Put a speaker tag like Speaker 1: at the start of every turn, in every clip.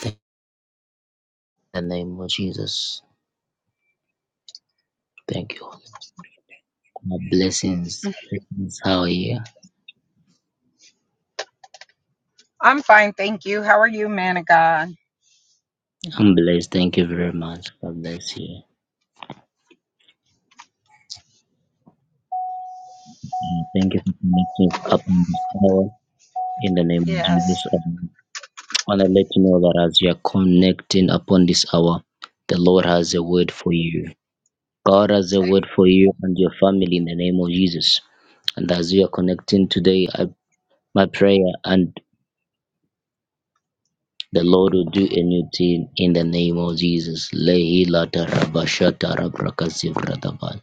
Speaker 1: Thank you in the name of Jesus. Thank you. All blessings. blessings. How are you?
Speaker 2: I'm fine, thank you. How are you, Managua?
Speaker 1: I'm blessed. Thank you very much. God bless you. And Thank you for connecting up in this hour in the name of
Speaker 2: Yes,
Speaker 1: Jesus. Um, I want to let you know that as you are connecting upon this hour, the Lord has a word for you. God has a word for you and your family in the name of Jesus. And as you are connecting today, I, my prayer and The Lord will do a new thing in the name of Jesus. Lehi latarabashata rabrakasivradaba.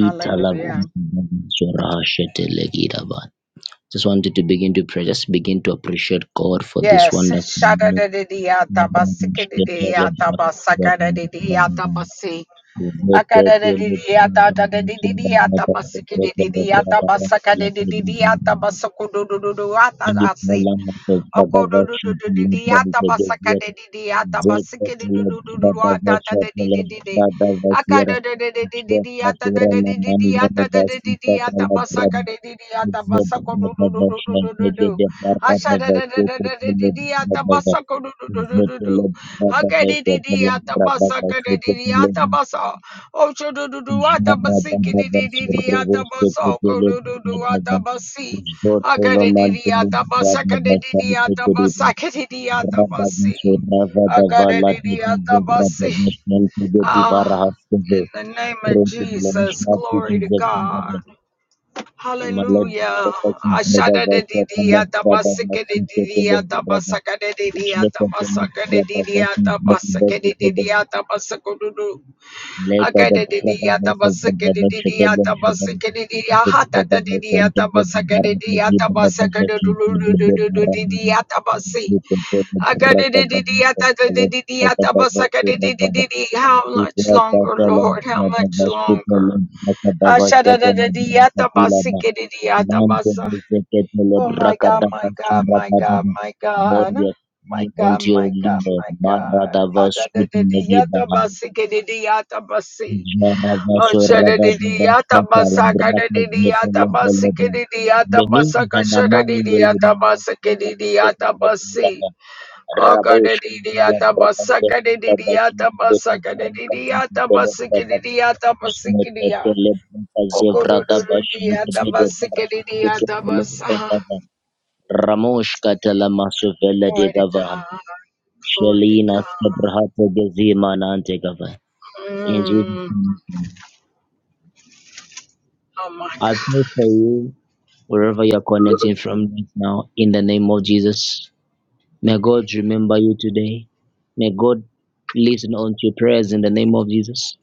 Speaker 2: hallelujah.
Speaker 1: Just wanted to begin to pray. Just begin to appreciate God for this
Speaker 2: Yes,
Speaker 1: wonderful
Speaker 2: shada
Speaker 1: move.
Speaker 2: dadi dadi ata basika dadi dadi ata basaka dadi dadi ata basi akadadadi dadi ata dadi dadi dadi ata basika dadi dadi ata basaka dadi dadi ata basuku du du du du atasi. Okodo do do do di di atabasaka de di di atabasike de do
Speaker 1: Zotelo
Speaker 2: do do do atata de di di di di akado de de de di di di atata de di di di atata de di di atabasaka de di di atabasako do do do do do do do asha Oh,
Speaker 1: mantelo brada bashan Brava da
Speaker 2: Akadidiyatamasakadidiyatamasakadidiyatamasih.
Speaker 1: vala tnize brava
Speaker 2: Akadidiyatamasi.
Speaker 1: national to the
Speaker 2: Ah,
Speaker 1: divara
Speaker 2: in
Speaker 1: haskeve
Speaker 2: the name of
Speaker 1: pronto la
Speaker 2: Jesus,
Speaker 1: mishna
Speaker 2: glory to
Speaker 1: tnize
Speaker 2: God.
Speaker 1: brava mala
Speaker 2: Hallelujah.
Speaker 1: brava sinza mala brava nasin tete brava jne tete brava nasin brava tete
Speaker 2: Ashadadidiyatamasakadidiyatamasakadidiyatamasakadidiyatamasakadidiyatamasakadidiyatamasukududu. How much
Speaker 1: leka
Speaker 2: longer,
Speaker 1: da brava nasin brava chete brava tete brava nasin tete brava nasin brava nasin tete brava nasin tete brava nasin tete brava
Speaker 2: Lord? How much longer? Oh my God, my God, my God, my God. My God, my God, my God. Oshadidiyata masaka didiyata masikidiyata
Speaker 1: Benin
Speaker 2: masaka
Speaker 1: na amani mbele
Speaker 2: shadidiyata
Speaker 1: ni
Speaker 2: masikidiyata masi.
Speaker 1: Rabosh
Speaker 2: Ogadidiyata masaka didiyata masaka didiyata masikidiyata masikidiya. Ogodidiyata masikidiyata masa.
Speaker 1: Ramosh Katala Masovella de
Speaker 2: Glory to
Speaker 1: Gava
Speaker 2: God. Glory to
Speaker 1: Shalina
Speaker 2: God.
Speaker 1: Sabrahata Gazima Nante Gava. In Jesus'
Speaker 2: Mm.
Speaker 1: name.
Speaker 2: Oh my
Speaker 1: I
Speaker 2: God.
Speaker 1: pray for you wherever you're connecting from right now in the name of Jesus. May God remember you today. May God listen unto your prayers in the name of Jesus.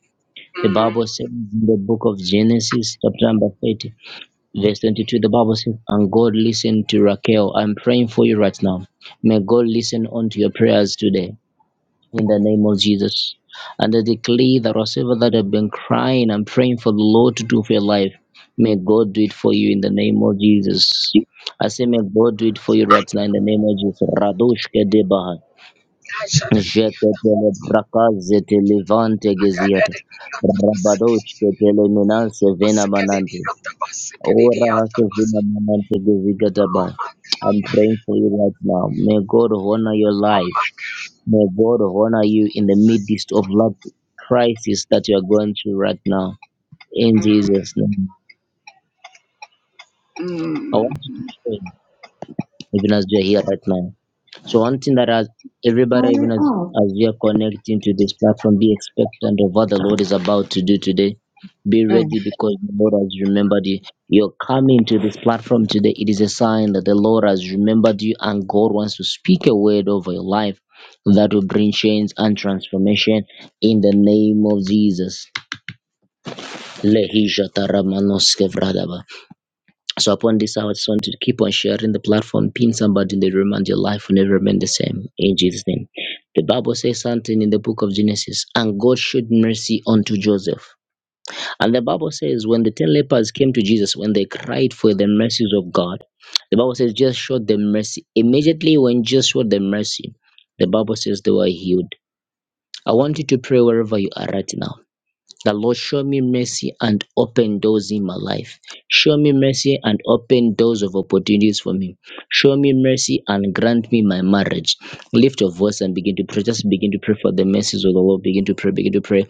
Speaker 1: The
Speaker 2: Mm.
Speaker 1: Bible says in the book of Genesis, chapter number 30, verse 22, the Bible says, And God listened to Raquel. I'm praying for you right now. May God listen unto your prayers today in the name of Jesus. And I declare that whatever that I've been crying, and praying for the Lord to do for your life. May God do it for you in the name of Jesus. I say, May God do it for you right now in the name of Jesus. Radosh Kedebaha.
Speaker 2: Ashadidiyata
Speaker 1: Jeketele brakaze televante geziata.
Speaker 2: masikidiyata
Speaker 1: Rabadosh
Speaker 2: masikidiyata.
Speaker 1: ketele menase
Speaker 2: Oh
Speaker 1: vena manante. Ora haso vena manante gezigata
Speaker 2: my God.
Speaker 1: I'm praying for you right now. May God honor your life. May God honor you in the midst of that crisis that you are going through right now. In Jesus' name. I
Speaker 2: Mm.
Speaker 1: want to pray even as you are here right now. So one thing that as everybody, even as, as we are connecting to this platform, be expectant of what the Lord is about to do today. Be
Speaker 2: Mm.
Speaker 1: ready because the Lord has remembered you. You're coming to this platform today. It is a sign that the Lord has remembered you and God wants to speak a word over your life that will bring change and transformation in the name of Jesus. Lehisha taramanoske vradaba. So upon this, I just want you to keep on sharing the platform, pin somebody in the room, and your life will never remain the same. In Jesus' name. The Bible says something in the book of Genesis, and God showed mercy unto Joseph. And the Bible says, when the ten lepers came to Jesus, when they cried for the mercies of God, the Bible says, just showed them mercy. Immediately when Jesus showed them mercy, the Bible says they were healed. I want you to pray wherever you are right now. The Lord, show me mercy and open doors in my life. Show me mercy and open doors of opportunities for me. Show me mercy and grant me my marriage. Lift your voice and begin to pray. Just begin to pray for the mercies of the Lord. Begin to pray. Begin to pray.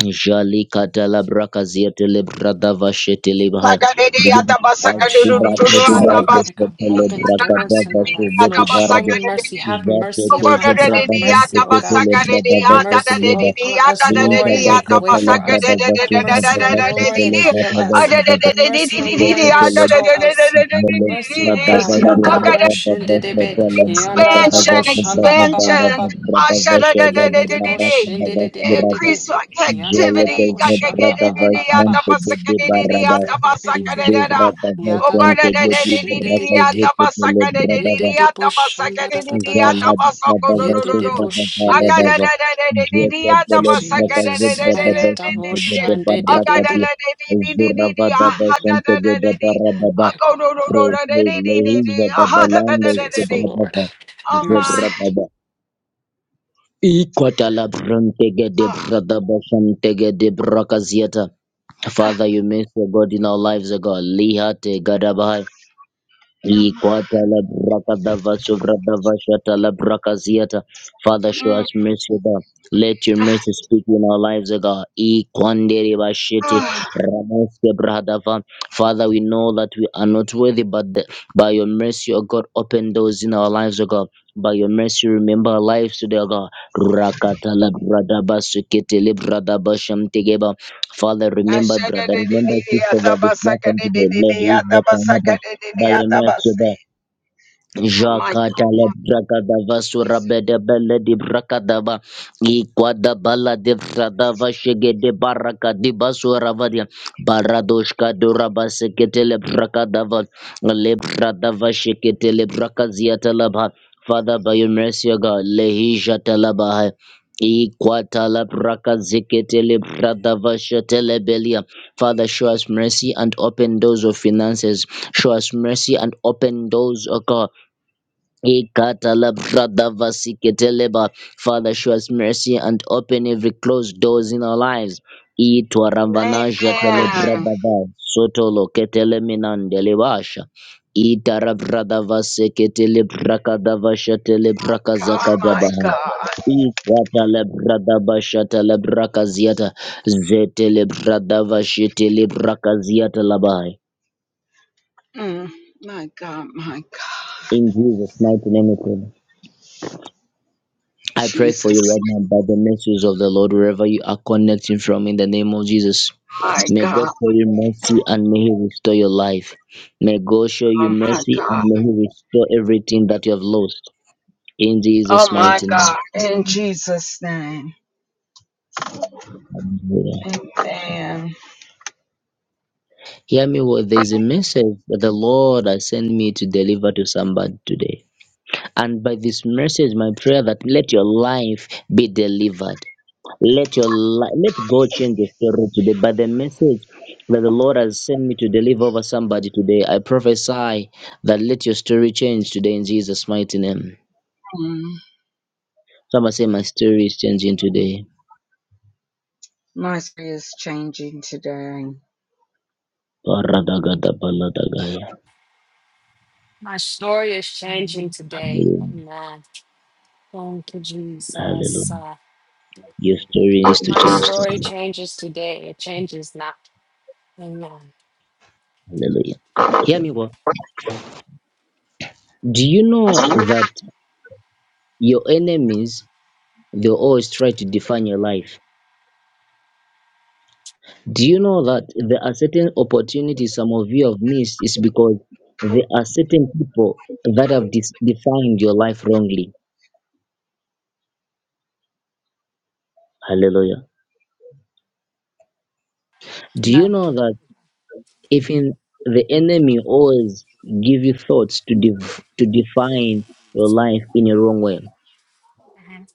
Speaker 1: Jali katala braka ziyate brada vashete bahaya.
Speaker 2: Sakadidi
Speaker 1: Begin to
Speaker 2: atabasaka
Speaker 3: Lord,
Speaker 1: ask for
Speaker 3: show me
Speaker 2: dudududu
Speaker 1: brata
Speaker 3: mercy,
Speaker 1: barado
Speaker 3: Father
Speaker 2: atabasaka
Speaker 3: God.
Speaker 1: sete
Speaker 3: Open
Speaker 1: brata
Speaker 3: doors in
Speaker 1: dava
Speaker 3: my
Speaker 2: didi
Speaker 3: life,
Speaker 1: suveti
Speaker 3: Lord. Show
Speaker 2: atabasaka
Speaker 1: barado.
Speaker 3: me mercy.
Speaker 2: didi
Speaker 3: Have
Speaker 1: Jate
Speaker 3: mercy
Speaker 1: te
Speaker 3: upon us.
Speaker 2: kokodede
Speaker 3: Have
Speaker 1: zebrada
Speaker 2: didi
Speaker 3: mercy, O
Speaker 1: vasete
Speaker 3: God.
Speaker 2: atabasaka didi
Speaker 1: brada
Speaker 3: Have
Speaker 1: vasete
Speaker 2: atada
Speaker 3: mercy
Speaker 2: didi
Speaker 3: upon us,
Speaker 2: atada
Speaker 1: Vinta
Speaker 3: Lord,
Speaker 2: didi
Speaker 3: and make a way
Speaker 1: Gazatela
Speaker 3: for
Speaker 2: atabasaka
Speaker 3: us.
Speaker 1: Braba
Speaker 2: dede dede
Speaker 3: Have
Speaker 1: Vasha
Speaker 2: dede
Speaker 1: Braba
Speaker 3: mercy, O
Speaker 1: Vasha
Speaker 2: dede
Speaker 3: Lord, and
Speaker 1: Tele
Speaker 2: didi
Speaker 3: heal
Speaker 1: Vata
Speaker 3: us.
Speaker 2: adede
Speaker 1: Gazavada
Speaker 3: Have
Speaker 2: dede
Speaker 3: mercy, O
Speaker 2: didi
Speaker 3: Lord,
Speaker 1: Zeta
Speaker 2: didi
Speaker 3: and
Speaker 1: Tele
Speaker 2: atada
Speaker 3: restore
Speaker 2: dede
Speaker 3: us.
Speaker 2: dede didi
Speaker 3: Have
Speaker 1: Jele
Speaker 3: mercy, O
Speaker 1: Braba
Speaker 3: God.
Speaker 1: Vasha
Speaker 2: didi
Speaker 3: Yadebo
Speaker 1: Braba Vasha
Speaker 3: shendedebe.
Speaker 1: Tele Braba
Speaker 2: Expansion,
Speaker 3: Yandadadabo
Speaker 1: Vasha Braba Vala
Speaker 2: expansion.
Speaker 3: shandabababababa.
Speaker 1: Braba Vasha
Speaker 3: Yende
Speaker 1: Gada
Speaker 3: de bosh,
Speaker 1: Baraka
Speaker 2: Ashadadadadadadada.
Speaker 3: yende de de
Speaker 1: Bavasi
Speaker 3: de de
Speaker 1: Rava
Speaker 3: de.
Speaker 2: Increase like
Speaker 3: Yanda da
Speaker 1: Jele
Speaker 3: da
Speaker 2: activity.
Speaker 1: Teze
Speaker 3: bosh, yanda
Speaker 1: Braba
Speaker 3: ba ba
Speaker 2: Kakakadadada,
Speaker 3: ba ba
Speaker 1: Vasha
Speaker 3: ba.
Speaker 1: Nte Gede
Speaker 2: atapasakadadada,
Speaker 3: Yende de
Speaker 1: Barada
Speaker 3: be be be be be be.
Speaker 2: atapasakadadada.
Speaker 1: Zuvra Bavasa
Speaker 3: Yada da da
Speaker 1: Nte Gede
Speaker 3: bosh, yende de
Speaker 2: Okodadadadadadada,
Speaker 1: Braka
Speaker 3: de de.
Speaker 1: Zete Tele braba
Speaker 2: atapasakadadada,
Speaker 3: Yende de bosh, yanda da
Speaker 2: atapasakadadada,
Speaker 3: da da da.
Speaker 1: Jala Baba
Speaker 3: Yende
Speaker 1: Vasu
Speaker 3: de
Speaker 2: atapasakododododo.
Speaker 1: Baba
Speaker 3: bosh, yende de be.
Speaker 1: Varadava
Speaker 2: Akadadadadadadada,
Speaker 1: Jete
Speaker 3: Thank you,
Speaker 1: Tele Baba
Speaker 3: Jesus.
Speaker 1: Zubra Baba
Speaker 3: Yada
Speaker 1: Shante
Speaker 3: bosh,
Speaker 2: atapasakadadadadadadadadada.
Speaker 1: Gede
Speaker 3: yende de de de.
Speaker 1: Barakati Zura
Speaker 2: Akadadadadadadadada,
Speaker 1: Vada
Speaker 3: Thank you, Lord.
Speaker 1: Vashante Gede
Speaker 2: ahadadadadadada.
Speaker 3: Thank
Speaker 1: Barababa
Speaker 3: you, Lord.
Speaker 2: Akododododadadadadada,
Speaker 3: Thank you,
Speaker 1: Lehiza
Speaker 3: Lord.
Speaker 1: Baba
Speaker 3: You are
Speaker 1: Lando
Speaker 2: ahadadadadadadada.
Speaker 3: faithful,
Speaker 1: Zubra
Speaker 3: Lord.
Speaker 1: Baba
Speaker 2: Oh my.
Speaker 1: Zubra
Speaker 3: Mercy.
Speaker 1: Baba Ikota Labrante Gede
Speaker 2: Oh,
Speaker 1: Brada Bashante Gede Brakaziata Father, you make the God in our lives, O God. Lihate Gadabai.
Speaker 2: oh my.
Speaker 1: Ikwata la braka dava suvra la braka Father, show
Speaker 2: Mm.
Speaker 1: us mercy, O God. Let your mercy speak in our lives, O God. Ikwandere
Speaker 2: Oh.
Speaker 1: bashete
Speaker 2: Oh
Speaker 1: ramoske bradava. Father, we know that we are not worthy, but the, by your mercy, O God, open doors in our lives, O God. By your mercy, remember our lives today, O God. Rakata la bradaba sukete le bradaba shamtegeba. Father, remember brother, remember sister, by this platform today. Bless his by your mercy, O God.
Speaker 2: my God.
Speaker 1: Jakatala Brakadava Surabeda Bella di Brakadava Iquada Bala de Bradava Shege de Baraka di Basuravadia Baradoshka Duraba Seketele Brakadava Le Bradava Sheketele Brakaziatalaba Father by your mercy O God Lehija Talabaha Iquatala Brakaziketele Bradava Shetele Belia Father show us mercy and open doors of finances show us mercy and open doors O God Ikatalabradavasiketeleba. Father, show us mercy and open every closed doors in our lives.
Speaker 2: Amen.
Speaker 1: Itwaramvanajatelebradava. Sotoloketeleminandelebasha.
Speaker 2: God, my
Speaker 1: Itarabradavaseketelebrakadavashetelebrakazakadabaha.
Speaker 2: God.
Speaker 1: Ikwatalebradavashatelebrakaziata. Zetelebradavashetelebrakaziyatalabaha.
Speaker 2: Mm. My God, my God.
Speaker 1: In Jesus' mighty name we pray. I pray for
Speaker 2: Jesus.
Speaker 1: you right now by the mercies of the Lord, wherever you are connecting from, in the name of Jesus.
Speaker 2: My
Speaker 1: May God
Speaker 2: God.
Speaker 1: show you mercy and may He restore your life. May God show you
Speaker 2: Oh my
Speaker 1: mercy and
Speaker 2: God.
Speaker 1: may He restore everything that you have lost. In Jesus'
Speaker 2: Oh my
Speaker 1: mighty name.
Speaker 2: God. In Jesus' name.
Speaker 1: Hallelujah.
Speaker 2: Amen.
Speaker 1: Hear me well. There's a message that the Lord has sent me to deliver to somebody today. And by this message, my prayer that let your life be delivered. Let your life, let God change the story today. By the message that the Lord has sent me to deliver over somebody today, I prophesy that let your story change today in Jesus' mighty name.
Speaker 2: Mm.
Speaker 1: Somebody say, My story is changing today.
Speaker 2: My story is changing today.
Speaker 1: Paradagadabaladagaya.
Speaker 3: My story is changing today.
Speaker 1: Hallelujah.
Speaker 3: Amen. Thank you,
Speaker 1: Hallelujah.
Speaker 3: Jesus. Uh,
Speaker 1: Your story needs to
Speaker 3: My
Speaker 1: change
Speaker 3: story
Speaker 1: today.
Speaker 3: changes today. It changes now. Amen.
Speaker 1: Hallelujah. Hear me well. Do you know that your enemies, they always try to define your life? Do you know that there are certain opportunities some of you have missed is because there are certain people that have dis- defined your life wrongly. Hallelujah. Do you
Speaker 3: Amen.
Speaker 1: know that even the enemy always give you thoughts to div- to define your life in a wrong way?
Speaker 3: Mhm.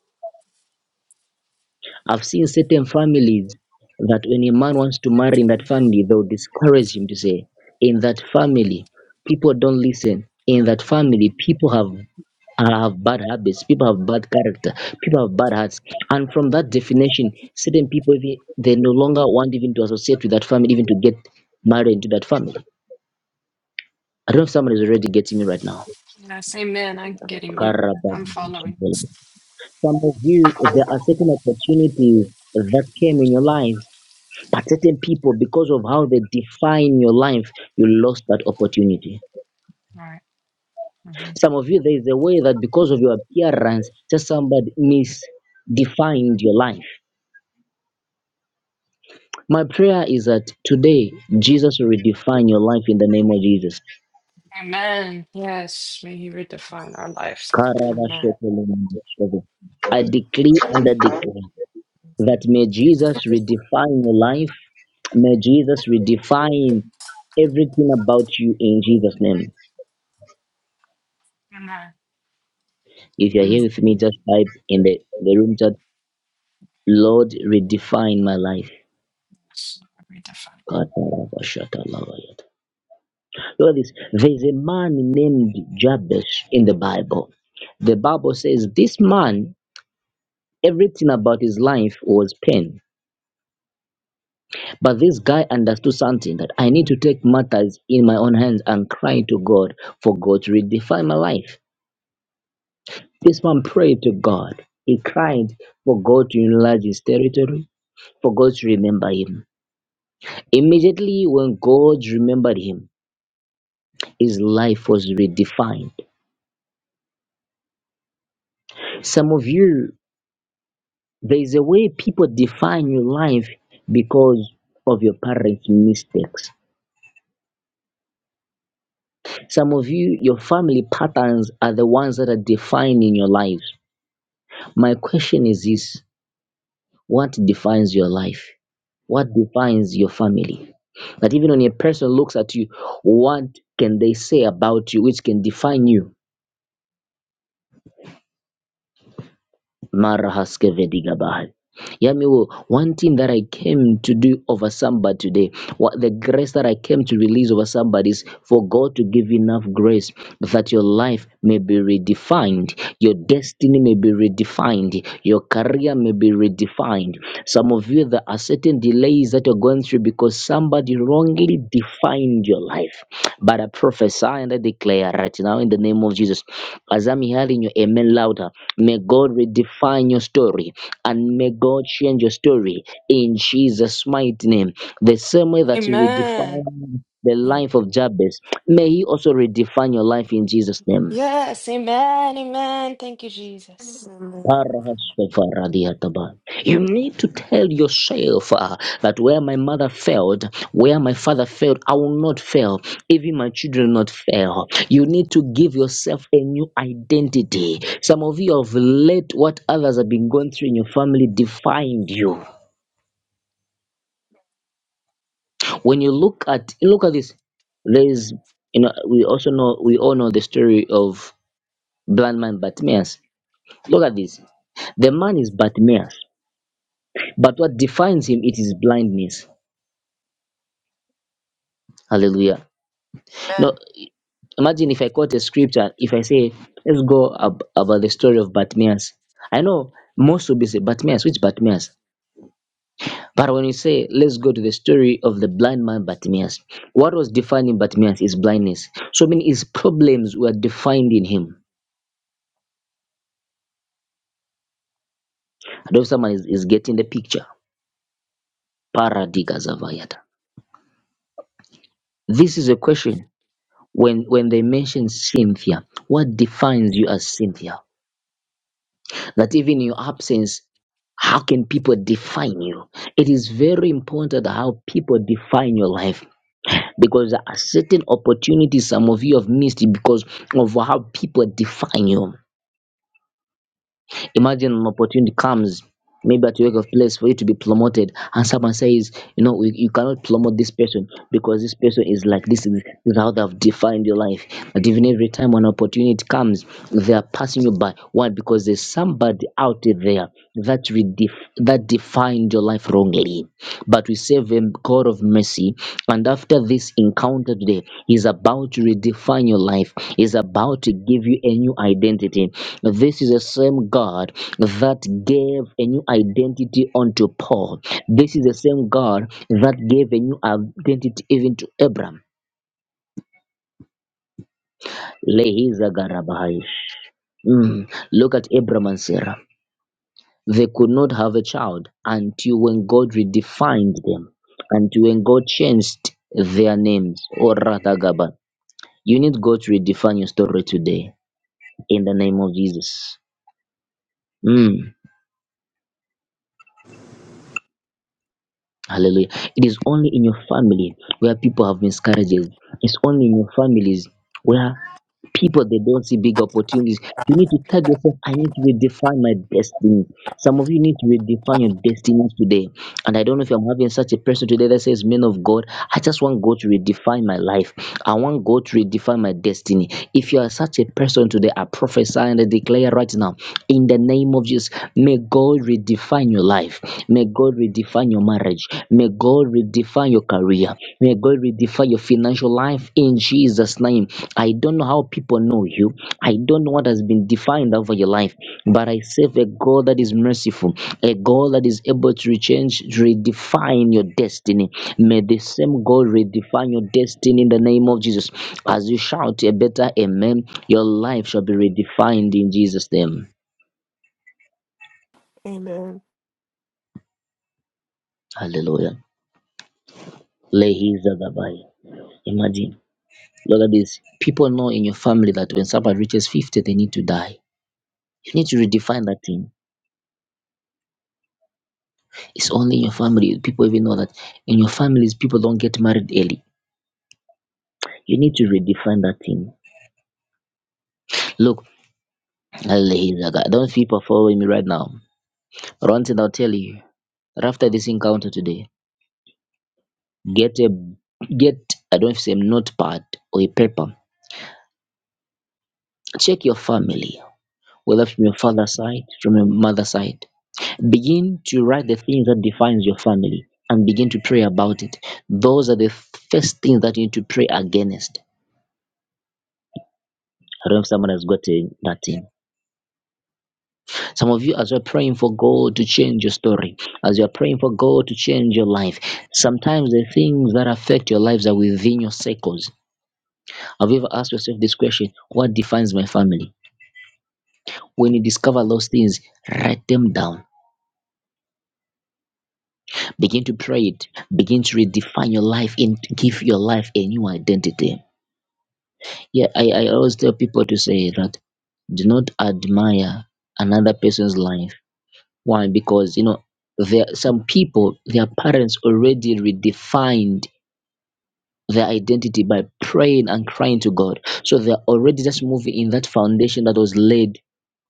Speaker 1: I've seen certain families that when a man wants to marry in that family, they'll discourage him to say, in that family, people don't listen. In that family, people have uh, have bad habits, people have bad character, people have bad hearts. And from that definition, certain people even they no longer want even to associate with that family, even to get married into that family. I don't know if someone is already getting me right now.
Speaker 3: Yes, amen. I'm getting you. I'm following.
Speaker 1: Some of you, there are certain opportunities that came in your life, but certain people, because of how they define your life, you lost that opportunity.
Speaker 3: All right. Mhm.
Speaker 1: Some of you, there is a way that because of your appearance, just somebody misdefined your life My prayer is that today Jesus will redefine your life in the name of Jesus.
Speaker 3: Amen. Yes, may He redefine our lives. Amen.
Speaker 1: Karabashokolemoshoko. I declare and I declare that
Speaker 3: Mhm.
Speaker 1: may Jesus redefine your life. May Jesus redefine everything about you in Jesus' name.
Speaker 3: Amen.
Speaker 1: If you're
Speaker 2: Mm.
Speaker 1: here with me, just type in the, the room chat, Lord, redefine my life.
Speaker 3: Yes, Lord, Redefine.
Speaker 1: Katarabashatalavayata. Look at this. There's a man named Jabez in the Bible. The Bible says this man Everything about his life was pain. But this guy understood something that I need to take matters in my own hands and cry to God for God to redefine my life. This man prayed to God. He cried for God to enlarge his territory, for God to remember him. Immediately when God remembered him, his life was redefined. Some of you, there is a way people define your life because of your parents' mistakes Some of you, your family patterns are the ones that are defining your life. My question is this what defines your life? What defines your family? That even when a person looks at you, what can they say about you which can define you? Mara haske vediga bahari. Yami, will one thing that I came to do over somebody today, what the grace that I came to release over somebody is for God to give you enough grace that your life may be redefined, your destiny may be redefined, your career may be redefined. Some of you, there are certain delays that you're going through because somebody wrongly defined your life. But I prophesy and I declare right now in the name of Jesus, as I'm hearing you, amen louder, may God redefine your story and may God change your story in Jesus' mighty name. The same way that He
Speaker 3: Amen.
Speaker 1: redefined the
Speaker 3: Yeah.
Speaker 1: life of Jabez, may He also redefine your life in Jesus' name.
Speaker 3: Yes, amen. Amen. Thank you, Jesus.
Speaker 4: Amen.
Speaker 1: You need to tell yourself uh, that where my mother failed, where my father failed, I will not fail. Even my children will not fail. You need to give yourself a new identity. Some of you have let what others have been going through in your family define you. when you look at look at this there's you know we also know we all know the story of blind man bartimaeus look at this the man is bartimaeus but what defines him it is blindness hallelujah now
Speaker 3: Amen.
Speaker 1: imagine if i quote a scripture if i say let's go ab- about the story of bartimaeus i know most will be say bartimaeus which bartimaeus but when you say let's go to the story of the blind man bartimaeus what was defining bartimaeus is blindness so many his problems were defined in him I don't know if someone is, is getting the picture. Paradigazavayata. This is a question. When when they mention Cynthia, what defines you as Cynthia? That even in your absence, how can people define you? It is very important how people define your life because there are certain opportunities some of you have missed because of how people define you. Imagine an opportunity comes, maybe at your work of place for you to be promoted, and someone says, you know, we, you cannot promote this person because this person is like this. This is how they've defined your life. But even every time an opportunity comes, they are passing you by. Why? Because there's somebody out there that redef- that defined your life wrongly. But we save him, God of mercy. And after this encounter today, He's about to redefine your life, He's about to give you a new identity. This is the same God that gave a new identity unto Paul. This is the same God that gave a new identity even to Abraham. Lehiza Garabai. Mm. Look at Abraham and Sarah. They could not have a child until when God redefined them, until when God changed their names, or rather, Gabba. You need God to redefine your story today in the name of Jesus. Mm, hallelujah. It is only in your family where people have miscarriages. It's only in your families where people they don't see big opportunities. You need to tell yourself, I need to redefine my destiny. Some of you need to redefine your destiny today. And I don't know if I'm having such a person today that says, Man of God, I just want God to redefine my life. I want God to redefine my destiny. If you are such a person today, I prophesy and I declare right now, in the name of Jesus, may God redefine your life. May God redefine your marriage. May God redefine your career. May God redefine your financial life in Jesus' name. I don't know how people know you. I don't know what has been defined over your life, but I serve a God that is merciful, a God that is able to change, redefine your destiny. May the same God redefine your destiny in the name of Jesus. As you shout a better amen, your life shall be redefined in Jesus' name.
Speaker 4: Amen.
Speaker 1: Hallelujah. Lehi Zagabai. Imagine. Look at this. People know in your family that when somebody reaches 50, they need to die. You need to redefine that thing It's only in your family. People even know that in your families, people don't get married early. You need to redefine that thing. Look, Alhaji Zaga, I don't feel people following me right now. But One thing I'll tell you that after this encounter today, get a get I don't say notepad or a paper. Check your family, whether from your father's side, from your mother's side. Begin to write the things that defines your family and begin to pray about it. Those are the first things that you need to pray against. I don't know if someone has got a, that thing Some of you, as you're praying for God to change your story, as you're praying for God to change your life, sometimes the things that affect your lives are within your circles. Have you ever asked yourself this question What defines my family? When you discover those things, write them down. Begin to pray it. Begin to redefine your life and give your life a new identity. Yeah, I, I always tell people to say that do not admire another person's life One, because you know there some people their parents already redefined their identity by praying and crying to God. So they're already just moving in that foundation that was laid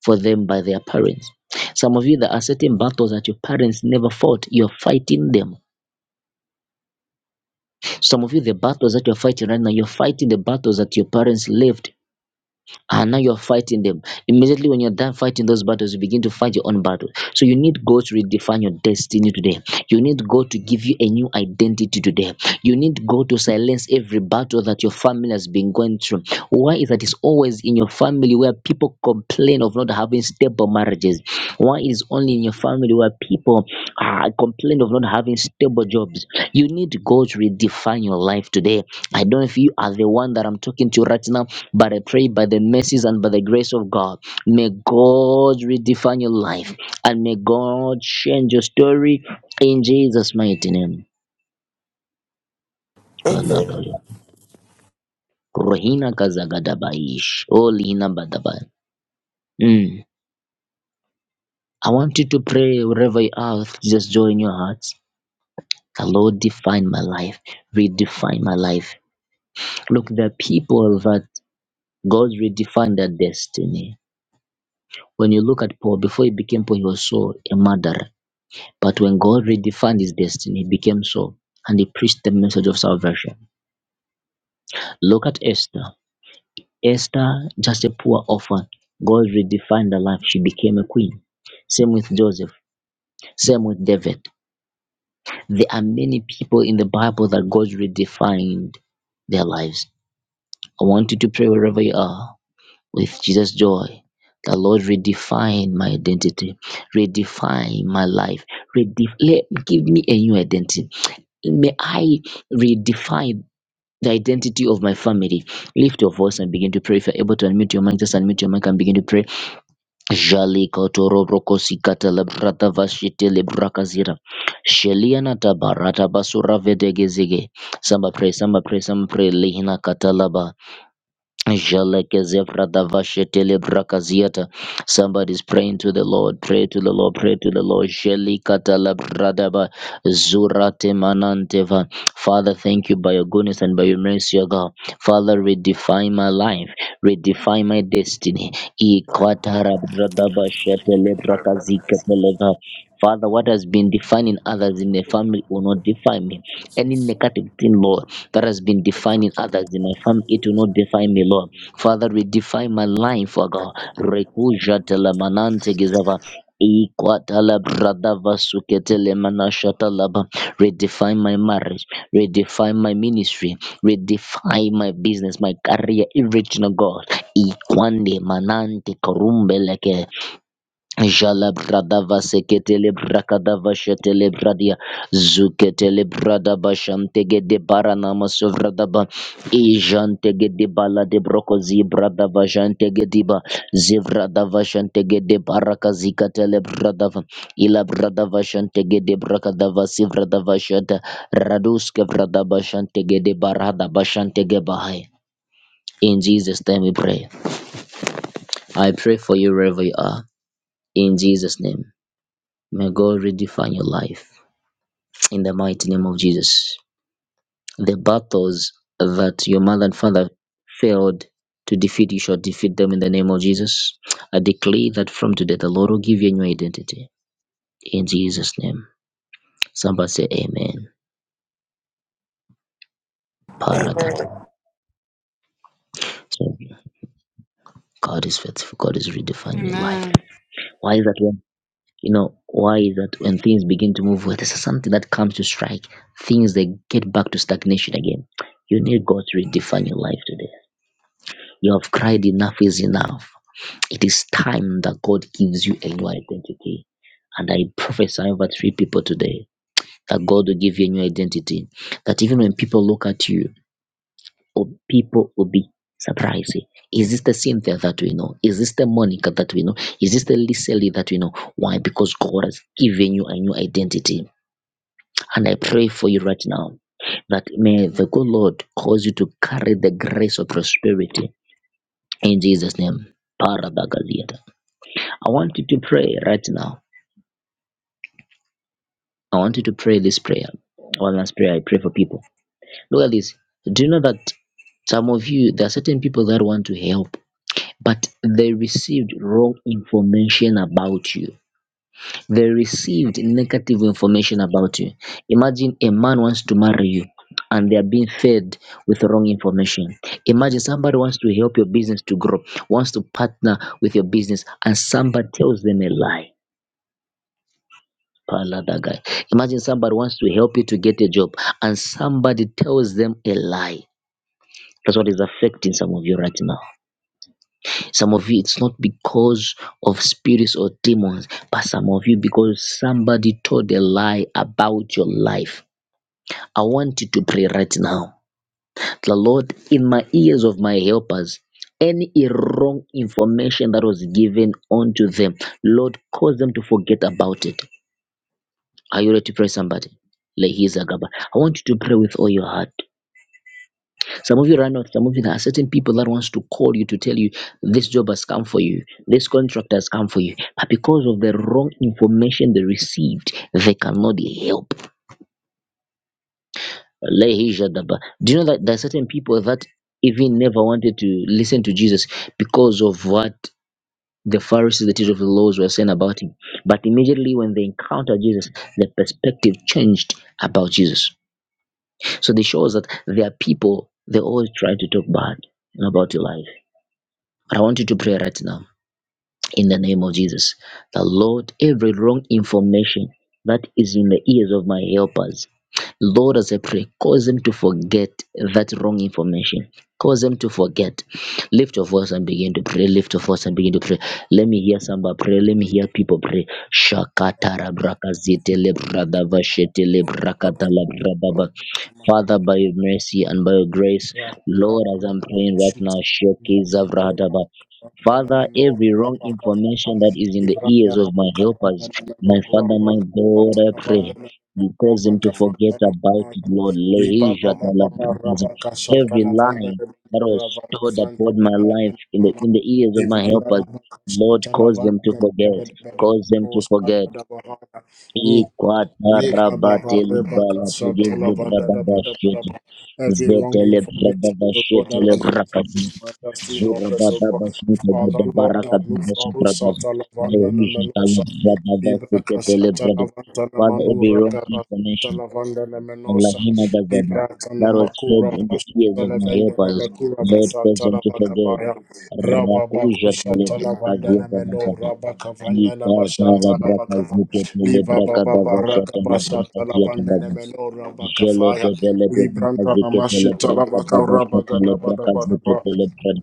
Speaker 1: for them by their parents. Some of you there are certain battles that your parents never fought. You're fighting them. Some of you the battles that you're fighting right now, you're fighting the battles that your parents lived and now you're fighting them. Immediately when you're done fighting those battles, you begin to fight your own battles. So you need God to redefine your destiny today. You need God to give you a new identity today. You need God to silence every battle that your family has been going through. Why is that it's always in your family where people complain of not having stable marriages? Why is only in your family where people uh, complain of not having stable jobs? You need God to redefine your life today. I don't know if you are the one that I'm talking to right now but I pray by the mercies and by the grace of God, may God redefine your life and may God change your story in Jesus' mighty name.
Speaker 4: Amen.
Speaker 1: Kalabaya. Rohina Kazagadabaish. Olina Badabai. Mm. I want you to pray wherever you are, just join your hearts. The Lord define my life, redefine my life. Look, there are people that God redefined their destiny. When you look at Paul, before he became Paul, he was so a murderer. But when God redefined his destiny, it became so, and he preached the message of salvation. Look at Esther. Esther, just a poor orphan, God redefined her life. She became a queen. Same with Joseph, same with David. There are many people in the Bible that God redefined their lives. I want you to pray wherever you are with Jesus' joy. The Lord redefine my identity, redefine my life, redef- let- give me a new identity. May I redefine the identity of my family. Lift your voice and begin to pray. If you're able to unmute your mic, just unmute your mic and begin to pray. Jali kotoro broko sikata la brata vashite brakazira braka zira. Sheliana tabarata basura vedegezige. Samba pray, samba pray, samba pray. Lehina katalaba. Jalakezevra davashetele brakaziata. Somebody's praying to the Lord. Pray to the Lord. Pray to the Lord. Jelikata la bradaba zurate mananteva. Father, thank you by your goodness and by your mercy, O God. Father, redefine my life. Redefine my destiny. Ikwatara bradaba shetele brakazikateleva. Father, what has been defining others in the family will not define me. Any negative thing, Lord that has been defining others in my family. It will not define me, Lord. Father, redefine my life, O God. Rekuja telemanante gizava. Ikwatala bradava suketele manashatalaba. Redefine my marriage, redefine my ministry, redefine my business, my career, everything, O God. Ikwande manante korumbe Jala brada vaseketele brakada vashetele bradia zuketele brada bashantege de barana masovrada ba ijantege de bala de brokozi brada vajantege ba zivrada vashantege de barakazika tele brada va ila brada vashantege de brakada vasivrada vashata raduske brada bashantege de barada bashantege bahai in Jesus name we pray I pray for you wherever you are in Jesus name May God redefine your life in the mighty name of Jesus. The battles that your mother and father failed to defeat, you shall defeat them in the name of Jesus. I declare that from today, the Lord will give you a new identity in Jesus' name. Somebody say, Amen. Paradise.
Speaker 4: Amen.
Speaker 1: So God is faithful. God is redefining your life.
Speaker 3: Amen.
Speaker 1: Why is that when you know why is that when things begin to move well, there's something that comes to strike. Things they get back to stagnation again. You need God to redefine your life today. You have cried, enough is enough. It is time that God gives you a new identity. And I prophesy over three people today that God will give you a new identity. That even when people look at you, or people will be surprised. Is this the Cynthia that we know? Is this the Monica that we know? Is this the Lisely that we know? Why? Because God has given you a new identity. And I pray for you right now that may the good Lord cause you to carry the grace of prosperity in Jesus' name. Parabagalia. I want you to pray right now. I want you to pray this prayer. One last prayer. I pray for people. Look at this. Do you know that some of you, there are certain people that want to help, but they received wrong information about you. They received negative information about you. Imagine a man wants to marry you and they are being fed with wrong information. Imagine somebody wants to help your business to grow, wants to partner with your business, and somebody tells them a lie Paladagai. Imagine somebody wants to help you to get a job and somebody tells them a lie. That's what is affecting some of you right now. Some of you, it's not because of spirits or demons, but some of you, because somebody told a lie about your life. I want you to pray right now. The Lord, in my ears of my helpers, any wrong information that was given unto them, Lord, cause them to forget about it. Are you ready to pray somebody? Lehizagaba. I want you to pray with all your heart. Some of you right now, some of you there are certain people that wants to call you to tell you this job has come for you, this contract has come for you, but because of the wrong information they received, they cannot help. Lehizagaba. Do you know that there are certain people that even never wanted to listen to Jesus because of what the Pharisees, the teachers of the laws were saying about him. But immediately when they encountered Jesus, their perspective changed about Jesus. So this shows that there are people, they always try to talk bad about your life. But I want you to pray right now in the name of Jesus. The Lord, every wrong information that is in the ears of my helpers, Lord, as I pray, cause them to forget that wrong information. Cause them to forget. Lift your voice and begin to pray. Lift your voice and begin to pray. Let me hear somebody pray. Let me hear people pray. Shakatara brakazite
Speaker 5: Ivranda
Speaker 1: lebrada vashete lebrakata labradaba. Father, by your mercy and by your grace, Lord, as I'm praying right now, showcase Zavradaba. Father, every wrong information that is in the ears of my helpers, my Father, my God, I pray. You cause them to forget about it, Lord. Lehisha talabrakasa. Every lie that was stored upon my life in the in the ears of my helpers,
Speaker 5: na makasha
Speaker 1: Lord, cause them to
Speaker 5: talavanda
Speaker 1: forget.
Speaker 5: mbebede bede
Speaker 1: Cause them to
Speaker 5: bosta da
Speaker 1: forget.
Speaker 5: da bahaya. Leka baba
Speaker 1: Ikwatarabatele
Speaker 5: rebaka
Speaker 1: balatege
Speaker 5: shantala vanda da ba da ba da
Speaker 1: zebradabashete.
Speaker 5: ba. Every wrong information, so God,
Speaker 1: Zetelebradabashete
Speaker 5: that has been coming to
Speaker 1: lebrakazete.
Speaker 5: my destiny, help us, so God.
Speaker 1: Zurabadabashete
Speaker 5: Father, Lord, that no faru
Speaker 1: bedabarakadabashebradaba.
Speaker 5: shatala vanda na menosha. Libraka shatala
Speaker 1: Lehujatalebradavaseketelebradaba.
Speaker 5: vanda na
Speaker 1: Father, every
Speaker 5: manura
Speaker 1: wrong
Speaker 5: gaba
Speaker 1: information
Speaker 5: shatala vanda na
Speaker 1: and
Speaker 5: menosha.
Speaker 1: lahina gazada
Speaker 5: Librata na
Speaker 1: that was fed
Speaker 5: makura
Speaker 1: in the ears of
Speaker 5: vashatala
Speaker 1: my
Speaker 5: vanda na
Speaker 1: helpers,
Speaker 5: makura
Speaker 1: Lord, cause them
Speaker 5: vashatala
Speaker 1: to forget.
Speaker 5: vakavaya. Rababa
Speaker 1: Rakuja tele
Speaker 5: kushatala
Speaker 1: brakazi.
Speaker 5: vanda na meno rabaka vanda na
Speaker 1: Yikata labraka
Speaker 5: mashatala
Speaker 1: zikete
Speaker 5: Liva
Speaker 1: lebraka
Speaker 5: baba
Speaker 1: dava
Speaker 5: baraka
Speaker 1: shata
Speaker 5: basha
Speaker 1: labraka ziyata
Speaker 5: talabande ne
Speaker 1: lavu.
Speaker 5: meno raba
Speaker 1: Jele
Speaker 5: kafaya.
Speaker 1: de vele de braka
Speaker 5: Libranda na
Speaker 1: zikete
Speaker 5: mashi
Speaker 1: lebraka
Speaker 5: talaba
Speaker 1: dava
Speaker 5: karaba
Speaker 1: shata
Speaker 5: gada bada
Speaker 1: lebraka
Speaker 5: bada ba.
Speaker 1: zikete lebraka.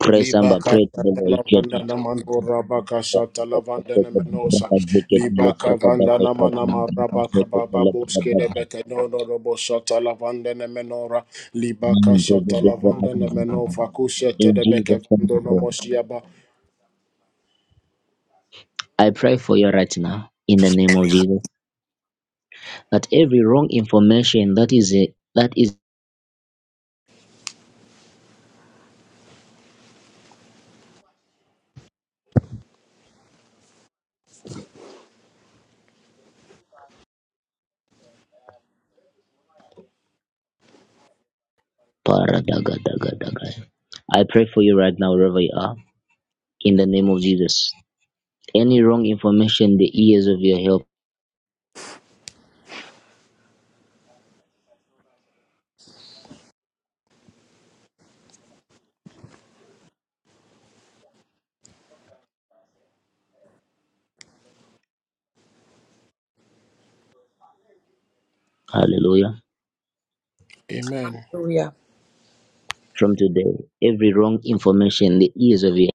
Speaker 1: Pray
Speaker 5: Liba
Speaker 1: samba, pray to
Speaker 5: kasha
Speaker 1: the Lord.
Speaker 5: talabanda
Speaker 1: Shete.
Speaker 5: na mano raba kasha talabande ne menosa.
Speaker 1: Braka zikete
Speaker 5: Liba
Speaker 1: lebraka
Speaker 5: kavanda
Speaker 1: dava
Speaker 5: na
Speaker 1: shata
Speaker 5: mana
Speaker 1: lebraka
Speaker 5: maraba
Speaker 1: zikete
Speaker 5: kababa
Speaker 1: lebraka
Speaker 5: boske de
Speaker 1: dava.
Speaker 5: bete no no robo shata lavande ne menora. Liba
Speaker 1: Amen. Pray
Speaker 5: kasha
Speaker 1: to the
Speaker 5: talabanda
Speaker 1: braka
Speaker 5: ne meno
Speaker 1: zikete.
Speaker 5: fakushe te
Speaker 1: In
Speaker 5: de beke
Speaker 1: Jesus' name, we
Speaker 5: vando no
Speaker 1: pray.
Speaker 5: moshiaba.
Speaker 1: I pray for you right now in the name
Speaker 6: the
Speaker 1: of
Speaker 6: name of
Speaker 1: Jesus that every wrong information that is a, that is Paradagadagadagaya. I pray for you right now, wherever you are, in the name of Jesus. Any wrong information, the ears of your help, hallelujah.
Speaker 5: Amen.
Speaker 6: Hallelujah.
Speaker 1: From today, every wrong information, the ears of your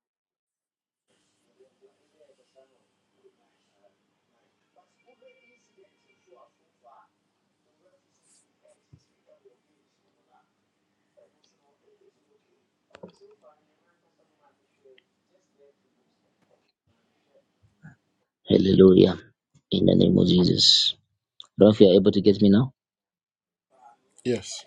Speaker 1: hallelujah, in the name of Jesus. Lord, if you are able to get me now,
Speaker 5: Yes.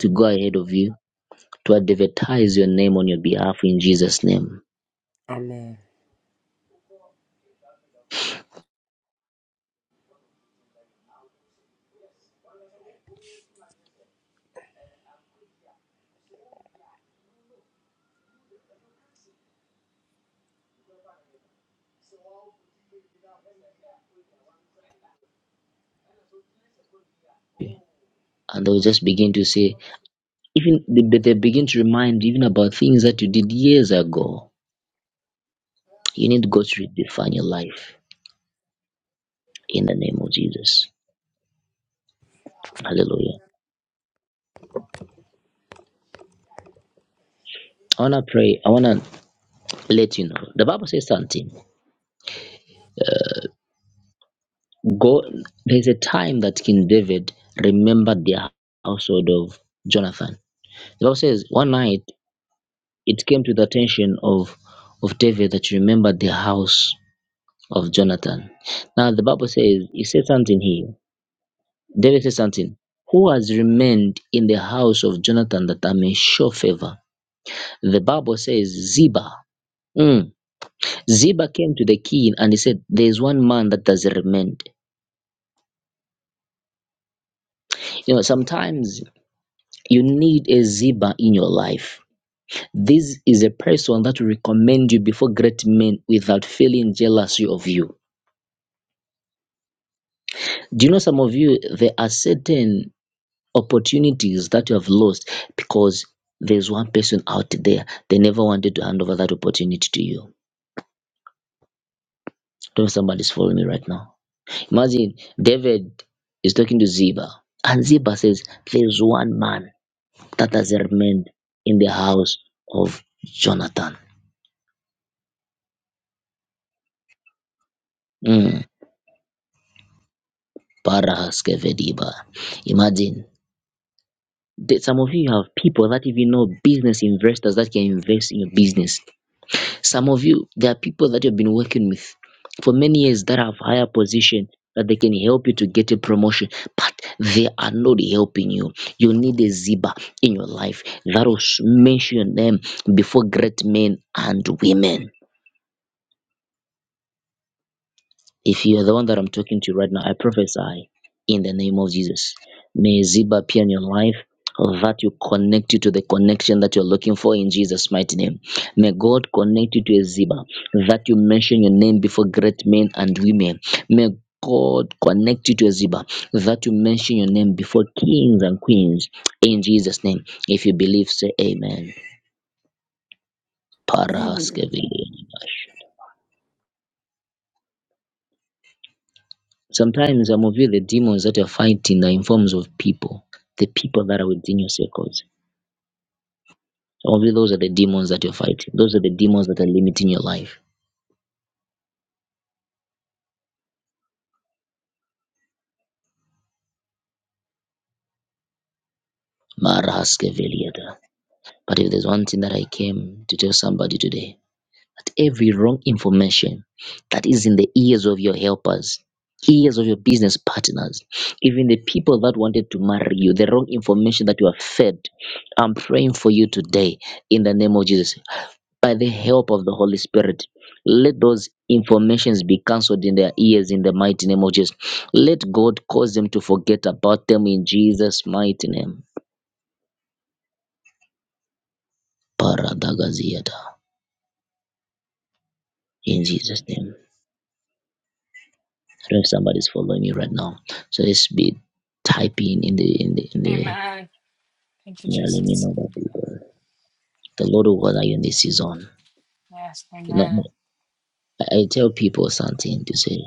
Speaker 1: to go ahead of you, to advertise your name on your behalf in Jesus' name.
Speaker 5: Amen.
Speaker 1: And they'll just begin to say, even they, they begin to remind even about things that you did years ago. You need God to redefine your life in the name of Jesus. Hallelujah. I want to pray. I want to let you know. The Bible says something. Go. There's a time that King David remembered the household of Jonathan. The Bible says one night it came to the attention of of David that he remembered the house of Jonathan. Now the Bible says he said something here. David said something. Who has remained in the house of Jonathan that I may show favor? The Bible says Ziba. Mm. Ziba came to the king and he said, There's one man that does remained. You know, sometimes you need a Ziba in your life. This is a person that will recommend you before great men without feeling jealousy of you. Do you know some of you, there are certain opportunities that you have lost because there's one person out there, they never wanted to hand over that opportunity to you. Don't know if somebody's following me right now. Imagine David is talking to Ziba, and Ziba says, There's one man that has remained in the house of Jonathan. Mm. Parahaskevediba. Imagine that some of you have people that even know business investors that can invest in your business. Some of you, there are people that you've been working with for many years that have higher position that they can help you to get a promotion, but they are not helping you. You need a ziba in your life that will mention them before great men and women. If you are the one that I'm talking to right now, I prophesy in the name of Jesus. May Ziba appear in your life that you connect you to the connection that you're looking for in Jesus' mighty name. May God connect you to a Ziba that you mention your name before great men and women. May God connect you to a Ziba that you mention your name before kings and queens in Jesus' name. If you believe, say amen.
Speaker 4: Amen.
Speaker 1: Parahaskevili. Sometimes I'm of you, the demons that you're fighting are in forms of people, the people that are within your circles. Some of you, those are the demons that you're fighting. Those are the demons that are limiting your life. Maraske But if there's one thing that I came to tell somebody today, that every wrong information that is in the ears of your helpers, ears of your business partners, even the people that wanted to marry you, the wrong information that you are fed, I'm praying for you today in the name of Jesus. by the help of the Holy Spirit. Let those informations be cancelled in their ears in the mighty name of Jesus. Let God cause them to forget about them in Jesus' mighty name. Paradagaziata. In Jesus' name. I don't know if somebody's following me right now. So let's be typing in the in the in the
Speaker 3: Amen. Thank you,
Speaker 1: yeah, let me
Speaker 3: Jesus.
Speaker 1: know that people. The Lord will honor you in this season.
Speaker 3: Yes,
Speaker 1: You know,
Speaker 3: amen.
Speaker 1: I, I tell people something to say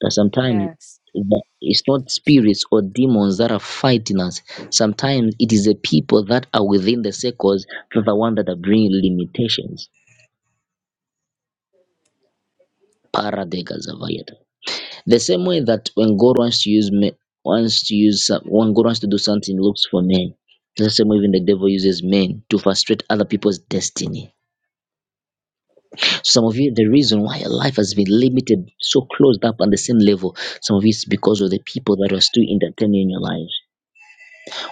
Speaker 1: that sometimes
Speaker 3: Yes.
Speaker 1: that it's not spirits or demons that are fighting us. Sometimes it is the people that are within the circles that are the one that are bringing limitations. Paradegas of Ayata. The same way that when God wants to use men, wants to use some, when God wants to do something, he looks for men. The same way even the devil uses men to frustrate other people's destiny Some of you, the reason why your life has been limited, so closed up on the same level, some of you it's because of the people that are still entertaining in your lives.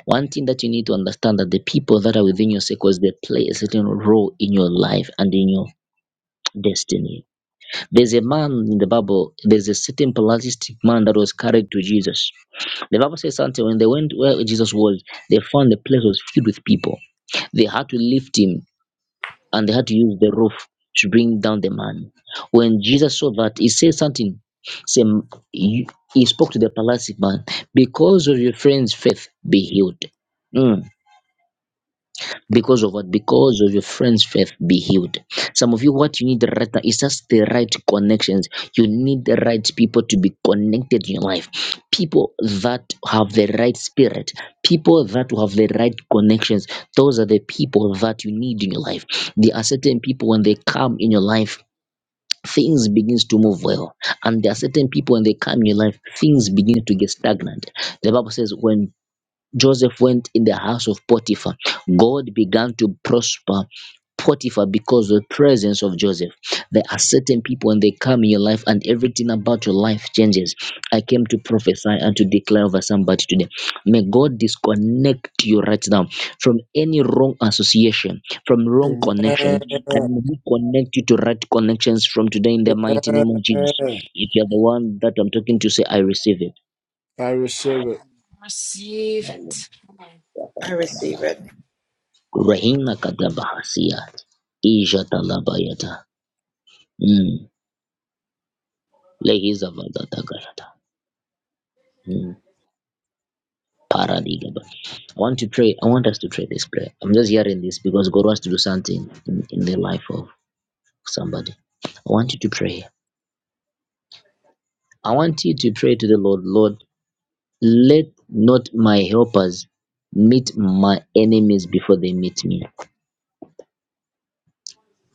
Speaker 1: One thing that you need to understand that the people that are within your circles, they play a certain role in your life and in your destiny. There's a man in the Bible, there's a certain paralytic man that was carried to Jesus. The Bible says something when they went where Jesus was, they found the place was filled with people. They had to lift him and they had to use the roof to bring down the man. When Jesus saw that, he said something. Say, he he spoke to the paralytic man, because of your friend's faith, be healed. Mm because of what? Because of your friend's faith be healed. Some of you, what you need right now is just the right connections. You need the right people to be connected in your life. People that have the right spirit, people that will have the right connections. Those are the people that you need in your life. There are certain people when they come in your life, things begins to move well. And there are certain people when they come in your life, things begin to get stagnant. The Bible says when Joseph went in the house of Potiphar. God began to prosper Potiphar because of the presence of Joseph. There are certain people when they come in your life and everything about your life changes. I came to prophesy and to declare over somebody today. May God disconnect you right now from any wrong association, from wrong connections,
Speaker 5: Amen.
Speaker 1: and may He connect you to right connections from today in the mighty name of Jesus.
Speaker 5: Amen.
Speaker 1: If you're the one that I'm talking to, say, I receive it.
Speaker 5: I receive it.
Speaker 3: Receive it.
Speaker 6: I receive it.
Speaker 1: Rahima Kadabahasia Ija mm. Lehiza mm. Paradigaba. I want to pray. I want us to pray this prayer. I'm just hearing this because God wants to do something in, in the life of somebody. I want you to pray. I want you to pray to the Lord, Lord, let not my helpers meet my enemies before they meet me.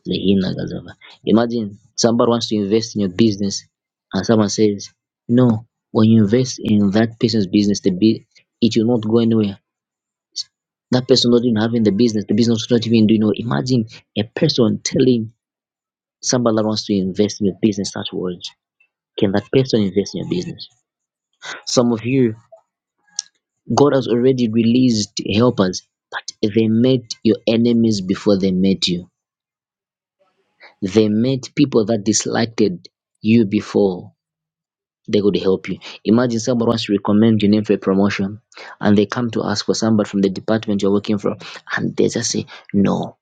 Speaker 1: Lehina Gazava. Imagine somebody wants to invest in your business and someone says, No, when you invest in that person's business, the be it will not go anywhere. That person not even having the business, the business not even doing well. Imagine a person telling somebody that wants to invest in your business such words. Can that person invest in your business? Some of you, God has already released helpers, but they met your enemies before they met you. They met people that disliked you before they could help you. Imagine someone wants to recommend your name for a promotion and they come to ask for somebody from the department you're working from and they just say, No,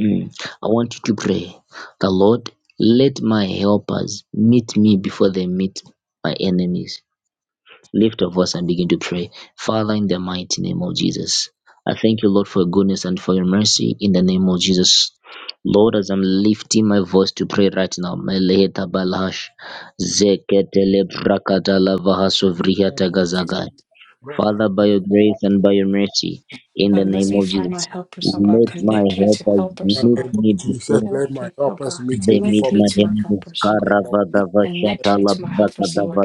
Speaker 1: Mm. I want you to pray. The Lord, let my helpers meet me before they meet my enemies. Lift your voice and begin to pray. Father, in the mighty name of Jesus, I thank you, Lord, for your goodness and for your mercy in the name of Jesus. Lord, as I'm lifting my voice to pray right now, Meleheta Balash, Zeketele Brakatala Vahasovriata Gazagai.
Speaker 5: Lord, I
Speaker 1: Father, by
Speaker 5: pray,
Speaker 1: your grace and by your mercy, in the
Speaker 3: But
Speaker 5: help
Speaker 3: let
Speaker 1: name
Speaker 5: us
Speaker 3: me
Speaker 1: of
Speaker 3: find my
Speaker 1: Jesus,
Speaker 3: helpers, oh God.
Speaker 1: let
Speaker 5: before
Speaker 1: my
Speaker 3: Connect me to
Speaker 1: helpers
Speaker 3: helpers,
Speaker 5: the
Speaker 3: oh
Speaker 1: meet
Speaker 3: God.
Speaker 5: name of
Speaker 1: me
Speaker 5: Jesus.
Speaker 1: before
Speaker 3: Help
Speaker 5: Let my
Speaker 3: me, oh
Speaker 5: help us
Speaker 3: God.
Speaker 5: meet me
Speaker 1: they meet
Speaker 3: Connect
Speaker 5: before
Speaker 3: me to my
Speaker 1: Mahimimus
Speaker 3: helpers, oh God.
Speaker 5: the name of
Speaker 1: Karavadava
Speaker 5: Jesus.
Speaker 3: Connect me
Speaker 1: Shatala
Speaker 3: to my helpers, Lord.
Speaker 1: Bakadava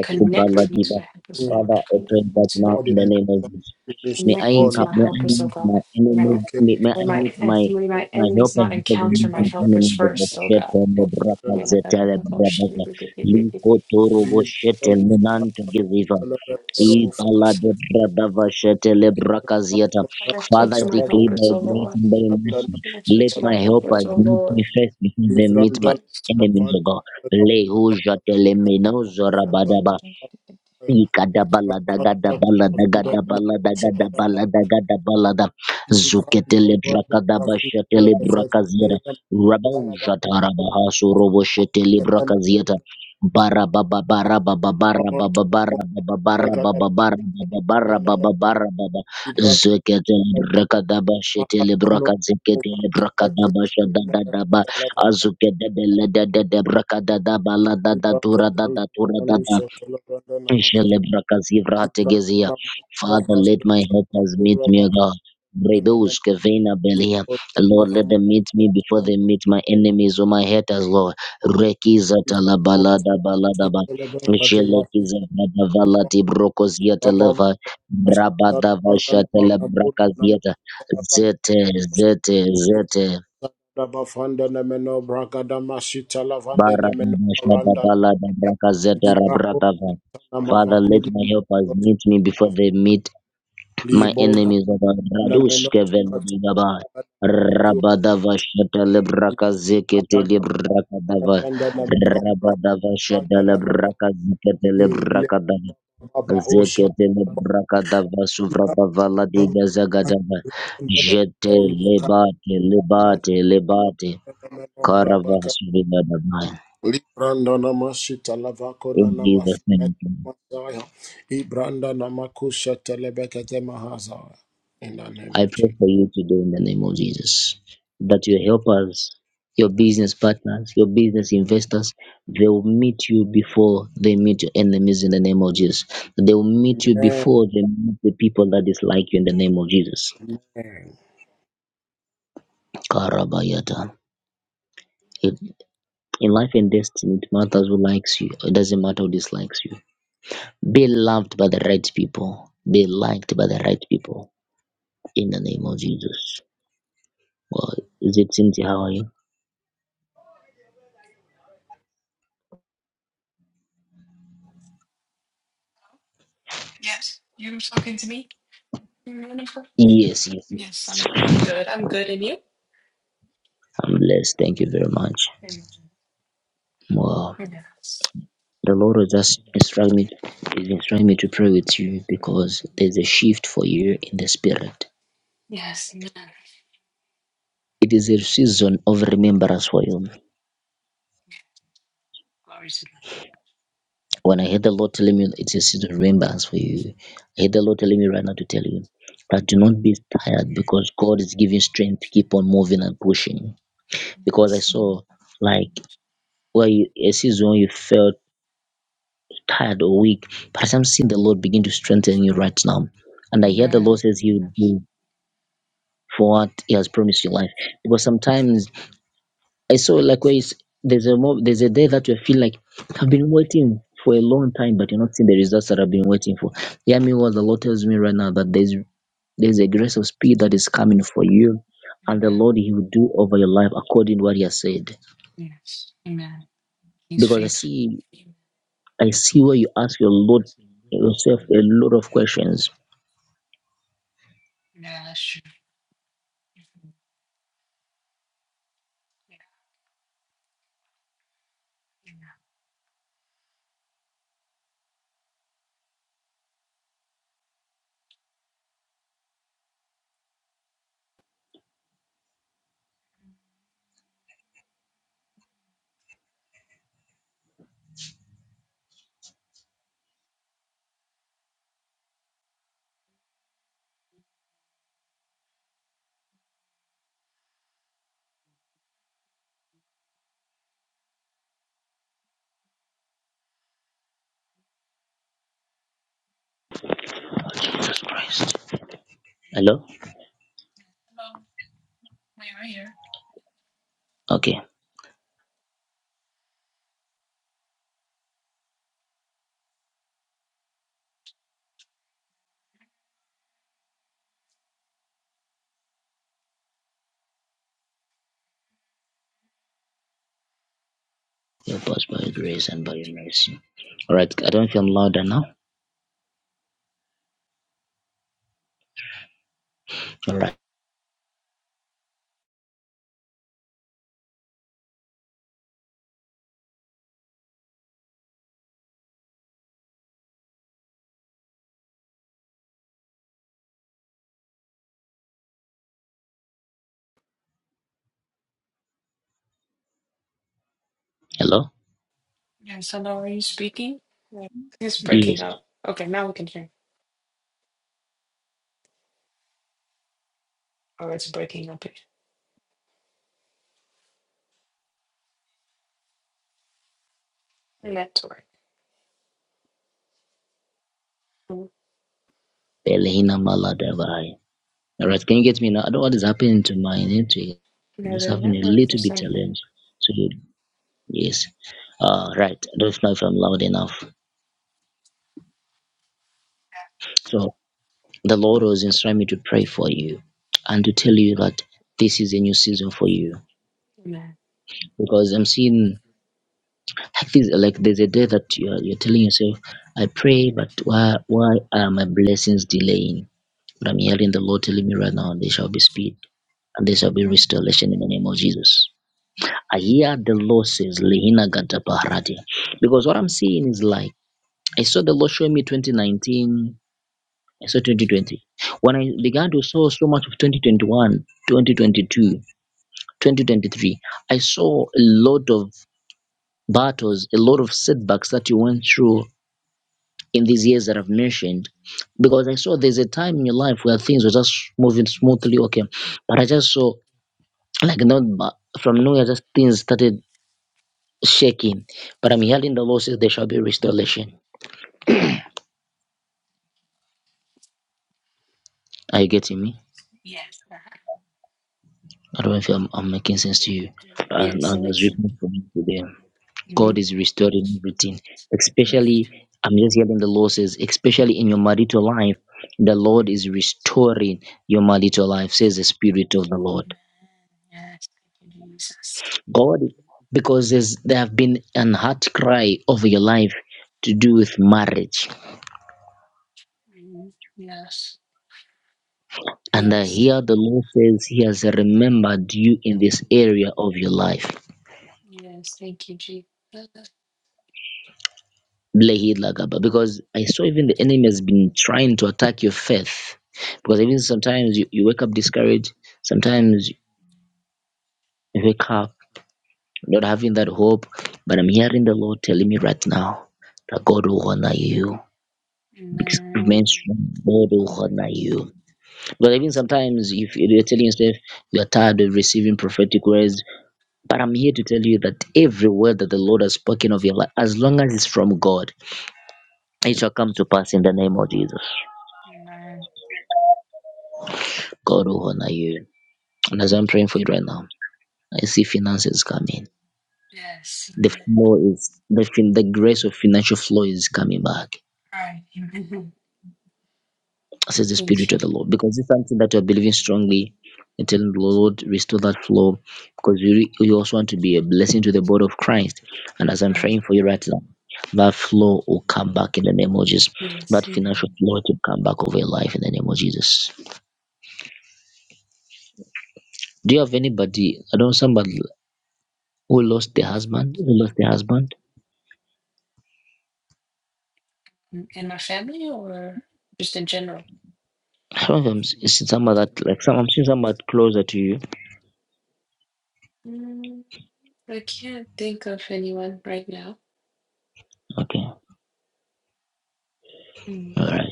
Speaker 5: Let
Speaker 3: Connect me to
Speaker 1: Subaladiva.
Speaker 3: my helpers,
Speaker 5: me
Speaker 3: Lord.
Speaker 1: Father, I
Speaker 3: Connect
Speaker 1: pray
Speaker 3: me
Speaker 1: that
Speaker 3: to my,
Speaker 1: now
Speaker 5: for the
Speaker 1: in the
Speaker 5: encounter
Speaker 1: name of
Speaker 5: of
Speaker 1: Jesus.
Speaker 5: the
Speaker 1: May I
Speaker 3: connect me
Speaker 5: Oh,
Speaker 3: to
Speaker 5: let
Speaker 3: my
Speaker 1: encounter, may
Speaker 5: my
Speaker 1: I
Speaker 3: helpers, oh
Speaker 1: meet
Speaker 3: God.
Speaker 1: my
Speaker 3: May my,
Speaker 1: enemies,
Speaker 5: locate
Speaker 1: may, may
Speaker 3: may
Speaker 1: I
Speaker 3: my,
Speaker 5: now.
Speaker 1: meet my
Speaker 3: may my
Speaker 1: my
Speaker 3: enemies
Speaker 1: helpers
Speaker 3: not
Speaker 1: because I
Speaker 5: in
Speaker 3: encounter
Speaker 1: meet
Speaker 3: my
Speaker 5: the name of Jesus.
Speaker 1: my
Speaker 3: helpers
Speaker 1: enemies of
Speaker 5: In the name
Speaker 1: the
Speaker 3: first, oh
Speaker 1: shet
Speaker 3: God.
Speaker 1: and
Speaker 5: of
Speaker 1: the braka
Speaker 5: Jesus.
Speaker 3: Connect
Speaker 1: zetele brabaga. Liko toro bo
Speaker 5: Leave
Speaker 1: shet
Speaker 5: the
Speaker 1: and the
Speaker 5: name of
Speaker 1: nan to
Speaker 5: Jesus.
Speaker 1: give
Speaker 5: Celebrate the Lord of our Father. Leave the
Speaker 1: Ibaladebradavashetelebrakaziata.
Speaker 5: name
Speaker 3: me
Speaker 5: of
Speaker 1: Father,
Speaker 5: Jesus.
Speaker 1: I
Speaker 3: to my
Speaker 5: Celebrate
Speaker 1: declare
Speaker 3: helpers,
Speaker 1: by
Speaker 3: oh
Speaker 1: grace
Speaker 3: Lord.
Speaker 1: and by
Speaker 5: the Lord
Speaker 1: mercy,
Speaker 3: Connect me
Speaker 1: let
Speaker 3: to
Speaker 5: of
Speaker 3: my
Speaker 1: my
Speaker 5: our
Speaker 3: helpers,
Speaker 1: helpers
Speaker 5: Father.
Speaker 3: oh
Speaker 1: meet
Speaker 3: Lord.
Speaker 1: me first before they meet my
Speaker 5: Livrandana
Speaker 1: enemies,
Speaker 5: Kavan
Speaker 1: O God. Lehujatelemenozo rabadaba. Gada gada gada balada gada
Speaker 3: Mm,
Speaker 1: balada, balada, balada, gada balada, zuketele zuketele brakada brakada brakada brakada bashetele bashetele brakaziera, rabau jatara bahasu robo shetele bara bara bara bara bara bara bara bara baba baba baba baba baba baba baba bara baba zuketele brakada bashetele brakaziketele brakada bashada dada ba azukedele dada ba, Ikadabaladagadabalagadabalagadabalagadabalaga. Zuketelebrakadabashetelebrakazera. Rabauzhatarabahasoroboshetelebrakazieta. Barabababarabababarabababarabababarababarabababarabababa. Zeketelebrakadabashetelebrakazeketelebrakatabashadadadaba. Azukedebelededebrakadatadabaladataturadadatura
Speaker 5: Thank you.
Speaker 1: Shelebrakazivrategezia. Father, let my helpers meet me, O God. Bredos Kevena Belia. Lord, let them meet me before they meet my enemies or my haters, Lord. Rekizata la balada baladaba. Shelekiza valati brokoziata leva. Brabada vashata la brakaziata. Zete, zete, zete.
Speaker 5: Bafanda nemeno bragada mashita lavande nemeno
Speaker 1: Barabada shada
Speaker 5: randa
Speaker 1: balada brakazeta
Speaker 5: libaho
Speaker 1: rabradava.
Speaker 5: na
Speaker 1: Father, let
Speaker 5: mavakuda
Speaker 1: my helpers meet me before they meet My
Speaker 5: Libo da
Speaker 1: enemies are
Speaker 5: da meno
Speaker 1: Radushke
Speaker 5: shata
Speaker 1: Venedigaba.
Speaker 5: da tu
Speaker 1: Rabadava Shata Lebraka
Speaker 5: da
Speaker 1: Zekete
Speaker 5: na
Speaker 1: Lebraka
Speaker 5: na
Speaker 1: Dava.
Speaker 5: da na meno ra
Speaker 1: Rabadava Shata
Speaker 5: da na meno
Speaker 1: Lebraka Zekete
Speaker 5: le
Speaker 1: Lebraka Dava.
Speaker 5: baba o shata
Speaker 1: Zekete
Speaker 5: ba
Speaker 1: Lebraka Dava Suvradava
Speaker 5: da
Speaker 1: Ladiga Zagadava.
Speaker 5: da da
Speaker 1: Jete
Speaker 5: o li ka
Speaker 1: Lebate
Speaker 5: meno
Speaker 1: Lebate Lebate.
Speaker 5: da na meno ra ba
Speaker 1: Karava
Speaker 5: ka
Speaker 1: Suvigadava.
Speaker 5: li branda na ma shita la va ko na
Speaker 1: In
Speaker 5: na ma fi
Speaker 1: Jesus' name.
Speaker 5: Ibranda, ma sa ya i branda na ma ku shata le be ka te ma ha za in the name
Speaker 1: I
Speaker 5: of
Speaker 1: pray
Speaker 5: Jesus
Speaker 1: for you today in the name of Jesus that your helpers, your business partners, your business investors, they will meet you before they meet your enemies in the name of Jesus. They will meet you
Speaker 5: amen
Speaker 1: before they meet the people that dislike you in the name of Jesus.
Speaker 5: amen
Speaker 1: Karabayata. It, in life and destiny, it matters who likes you. It doesn't matter who dislikes you. Be loved by the right people. Be liked by the right people in the name of Jesus. Well, is it Cynthia? How are you?
Speaker 3: Yes, you were talking to me. Wonderful.
Speaker 1: Yes, yes,
Speaker 3: Yes,
Speaker 1: yes.
Speaker 3: I'm. I'm good. I'm good, and you?
Speaker 1: I'm blessed. Thank you very much.
Speaker 3: Amen.
Speaker 1: Wow.
Speaker 3: Yes.
Speaker 1: The Lord will just instruct me, is instruct me to pray with you because there's a shift for you in the spirit.
Speaker 3: Yes. Amen.
Speaker 1: It is a season of remembrance for you.
Speaker 3: Glory to God.
Speaker 1: When I heard the Lord telling me it's a season of remembrance for you, I heard the Lord telling me right now to tell you that do not be tired because God is giving strength to keep on moving and pushing. Because I
Speaker 3: Yes.
Speaker 1: saw like where you, a season you felt tired or weak, but as I'm seeing the Lord begin to strengthen you right now, and I hear the Lord
Speaker 3: Amen.
Speaker 1: says He
Speaker 3: Yes.
Speaker 1: will do for what He has promised your life. Because sometimes I saw like where it's, there's a mo- there's a day that you feel like I've been waiting for a long time, but you're not seeing the results that I've been waiting for. Hear me what the Lord tells me right now that there's there's a grace of speed that is coming for you, and the
Speaker 3: Amen.
Speaker 1: Lord He will do over your life according to what He has said.
Speaker 3: Yes. Amen. He's
Speaker 1: Because I
Speaker 3: faithful.
Speaker 1: see
Speaker 3: Amen.
Speaker 1: I see where you ask your Lord yourself a lot of questions.
Speaker 3: Yeah, that's true. Mhm. Yeah. Amen.
Speaker 1: Oh, Jesus Christ. Hello?
Speaker 3: Hello. We are you here.
Speaker 1: Okay. Help us by your grace and by your mercy. All right. I don't feel louder now. All right. Hello?
Speaker 3: Yes. Hello. Are you speaking? Yeah. It's breaking
Speaker 1: Yes.
Speaker 3: up. Okay, now we can hear. Oh, it's breaking up. Network. Mm.
Speaker 1: Belehina maladavai. All right. Can you get me now? I don't know what is happening to my network. I'm
Speaker 3: Yeah,
Speaker 1: just
Speaker 3: the
Speaker 1: having a
Speaker 3: network or
Speaker 1: little bit
Speaker 3: something.
Speaker 1: challenge. So. Yes. Uh, right. I don't know if I'm loud enough. So the Lord was instructing me to pray for you and to tell you that this is a new season for you
Speaker 3: Amen.
Speaker 1: because I'm seeing like this, like there's a day that you're you're telling yourself, I pray, but why why are my blessings delaying? But I'm hearing the Lord telling me right now, there shall be speed and there shall be restoration in the name of Jesus. I hear the Lord says, Lehina Ganta Paharati. Because what I'm seeing is like, I saw the Lord showing me 2019 so 2020 when i began to saw so much of 2021 2022 2023 i saw a lot of battles a lot of setbacks that you went through in these years that i've mentioned because i saw there's a time in your life where things were just moving smoothly okay but i just saw like not bu- from nowhere just things started shaking but i'm hearing the lord says there shall be restoration are you getting me
Speaker 3: Yes. uh-huh.
Speaker 1: i don't know if i'm, I'm making sense to you and,
Speaker 3: Yes, it
Speaker 1: and as
Speaker 3: makes sense.
Speaker 1: written for me today
Speaker 3: hmm
Speaker 1: God is restoring everything,
Speaker 3: Amen.
Speaker 1: especially I'm just getting the losses. especially in your marital life, the Lord is restoring your marital life, says the Spirit of the Lord.
Speaker 3: Yes. Thank you, Jesus.
Speaker 1: God, because there's, there have been an heart cry over your life to do with marriage.
Speaker 3: Mhm. Yes.
Speaker 1: And I
Speaker 3: Yes.
Speaker 1: hear the Lord says He has remembered you in this area of your life.
Speaker 3: Yes. Thank you, Jesus.
Speaker 1: Blehi Lagaba. Because I saw even the enemy has been trying to attack your faith. Because even sometimes you, you wake up discouraged, sometimes wake up not having that hope but i'm hearing the lord telling me right now that god will honor you Because remain
Speaker 3: Amen.
Speaker 1: strong god will
Speaker 3: Mhm.
Speaker 1: honor you but even sometimes if you're telling yourself you're tired of receiving prophetic words but i'm here to tell you that every word that the lord has spoken of your life as long as it's from god it shall come to pass in the name of jesus
Speaker 3: Amen.
Speaker 1: god will honor you and as i'm praying for you right now i see finances coming
Speaker 3: Yes.
Speaker 1: the
Speaker 3: Amen.
Speaker 1: flow is the, fin- the grace of financial flow is coming back
Speaker 3: Right. Amen.
Speaker 1: says the
Speaker 3: Thank
Speaker 1: Spirit
Speaker 3: you.
Speaker 1: of the Lord. Because it's something that you're believing strongly and telling the Lord, restore that flow. Because you, re- you also want to be a blessing to the body of Christ. And as I'm
Speaker 3: Right.
Speaker 1: praying for you right now, that flow will come back in the name of Jesus.
Speaker 3: Yes.
Speaker 1: That
Speaker 3: Amen.
Speaker 1: financial flow will come back over your life in the name of Jesus. Do you have anybody? I don't know somebody who lost their husband. Who lost their husband?
Speaker 3: Mm, In my family or just in general?
Speaker 1: I don't know if I'm s- seeing somebody that like some. I'm seeing somebody closer to you.
Speaker 3: Mm, I can't think of anyone right now.
Speaker 1: Okay,
Speaker 3: Mm.
Speaker 1: all right,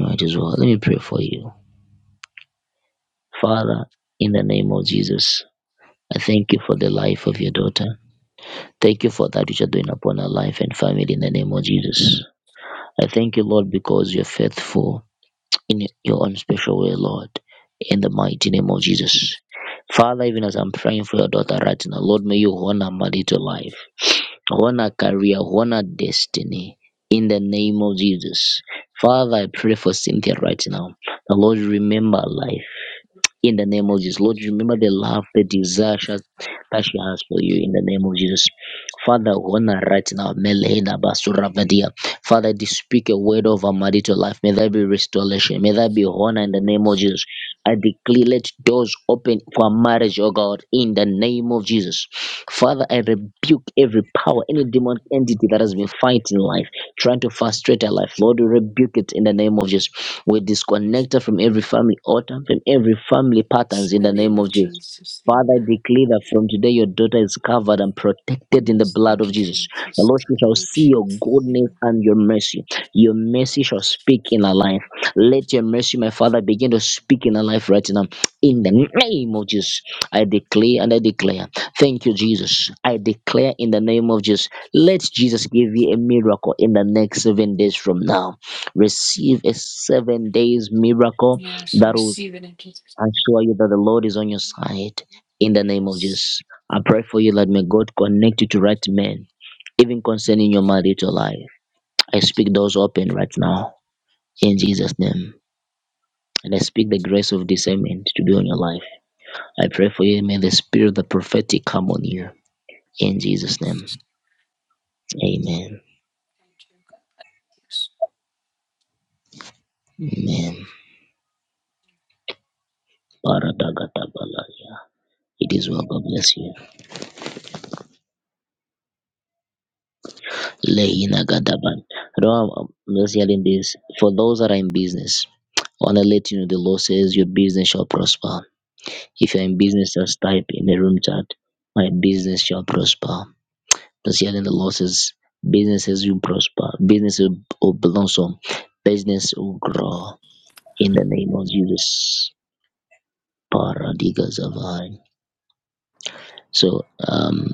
Speaker 1: all right as well. Let me pray for you, Father, in the name of Jesus. I thank you for the life of your daughter. Thank you for that which you're doing upon her life and family in the name of Jesus. I thank you, Lord, because you're faithful in your own special way, Lord, in the mighty name of Jesus. Father, even as I'm praying for your daughter right now, Lord, may you honor her marital life, honor career, honor destiny in the name of Jesus. Father, I pray for Cynthia right now. The Lord, remember her life in the name of Jesus. Lord, remember the love, the desire she has, that she has for you in the name of Jesus. Father, honor right now. Melena basura vadia. Father, I did speak a word of our marital life. May there be restoration. May there be honor in the name
Speaker 3: Yes.
Speaker 1: of Jesus. I declare let doors open for marriage, oh God, in the name of Jesus. Father, I rebuke every power, any demonic entity that has been fighting life trying to frustrate our life. Lord, we rebuke it in the name of Jesus. We disconnect her from every family altar, from every family
Speaker 3: Yes,
Speaker 1: patterns
Speaker 3: In
Speaker 1: in
Speaker 3: the
Speaker 1: the
Speaker 3: name
Speaker 1: name of
Speaker 3: of
Speaker 1: Jesus.
Speaker 3: Jesus,
Speaker 1: Father, I
Speaker 3: amen.
Speaker 1: declare that from today your daughter is covered and protected in the
Speaker 3: Yes,
Speaker 1: blood
Speaker 3: thank
Speaker 1: of
Speaker 3: you,
Speaker 1: Jesus. The
Speaker 3: Jesus.
Speaker 1: Lord she shall
Speaker 3: Blood of
Speaker 1: see your
Speaker 3: Jesus,
Speaker 1: goodness
Speaker 3: amen.
Speaker 1: and your mercy. Your mercy shall speak in her life. Let your mercy, my Father, begin to speak in her life right now. In the name of Jesus, I declare and I declare. Thank you, Jesus. I declare in the name of Jesus. Let Jesus give you a miracle in the next seven days from now. Receive a seven days miracle
Speaker 3: Yes, I
Speaker 1: that will
Speaker 3: receive it in Jesus'
Speaker 1: assure you that the Lord is on your
Speaker 3: name.
Speaker 1: side in the name of
Speaker 3: Yes.
Speaker 1: Jesus. I pray for you that may God connect you to right men, even concerning your marital life. I speak doors open right now in Jesus' name. And I speak the grace of discernment to be on your life. I pray for you. May the spirit of the prophetic come on you. In Jesus' name.
Speaker 3: Yes,
Speaker 1: Amen.
Speaker 3: Thank you, God. Yes.
Speaker 1: Amen. Baradagadabala. It is well. God bless you. Lehina Gadaban. You know, I'm, I'm just hearing this. For those that are in business, I want to let you know the Lord says your business shall prosper. If you're in business, just type in the room chat, my business shall prosper. Just hearing the Lord says businesses will prosper, businesses will blossom, business will grow in the name of Jesus. Paradigas of So, um,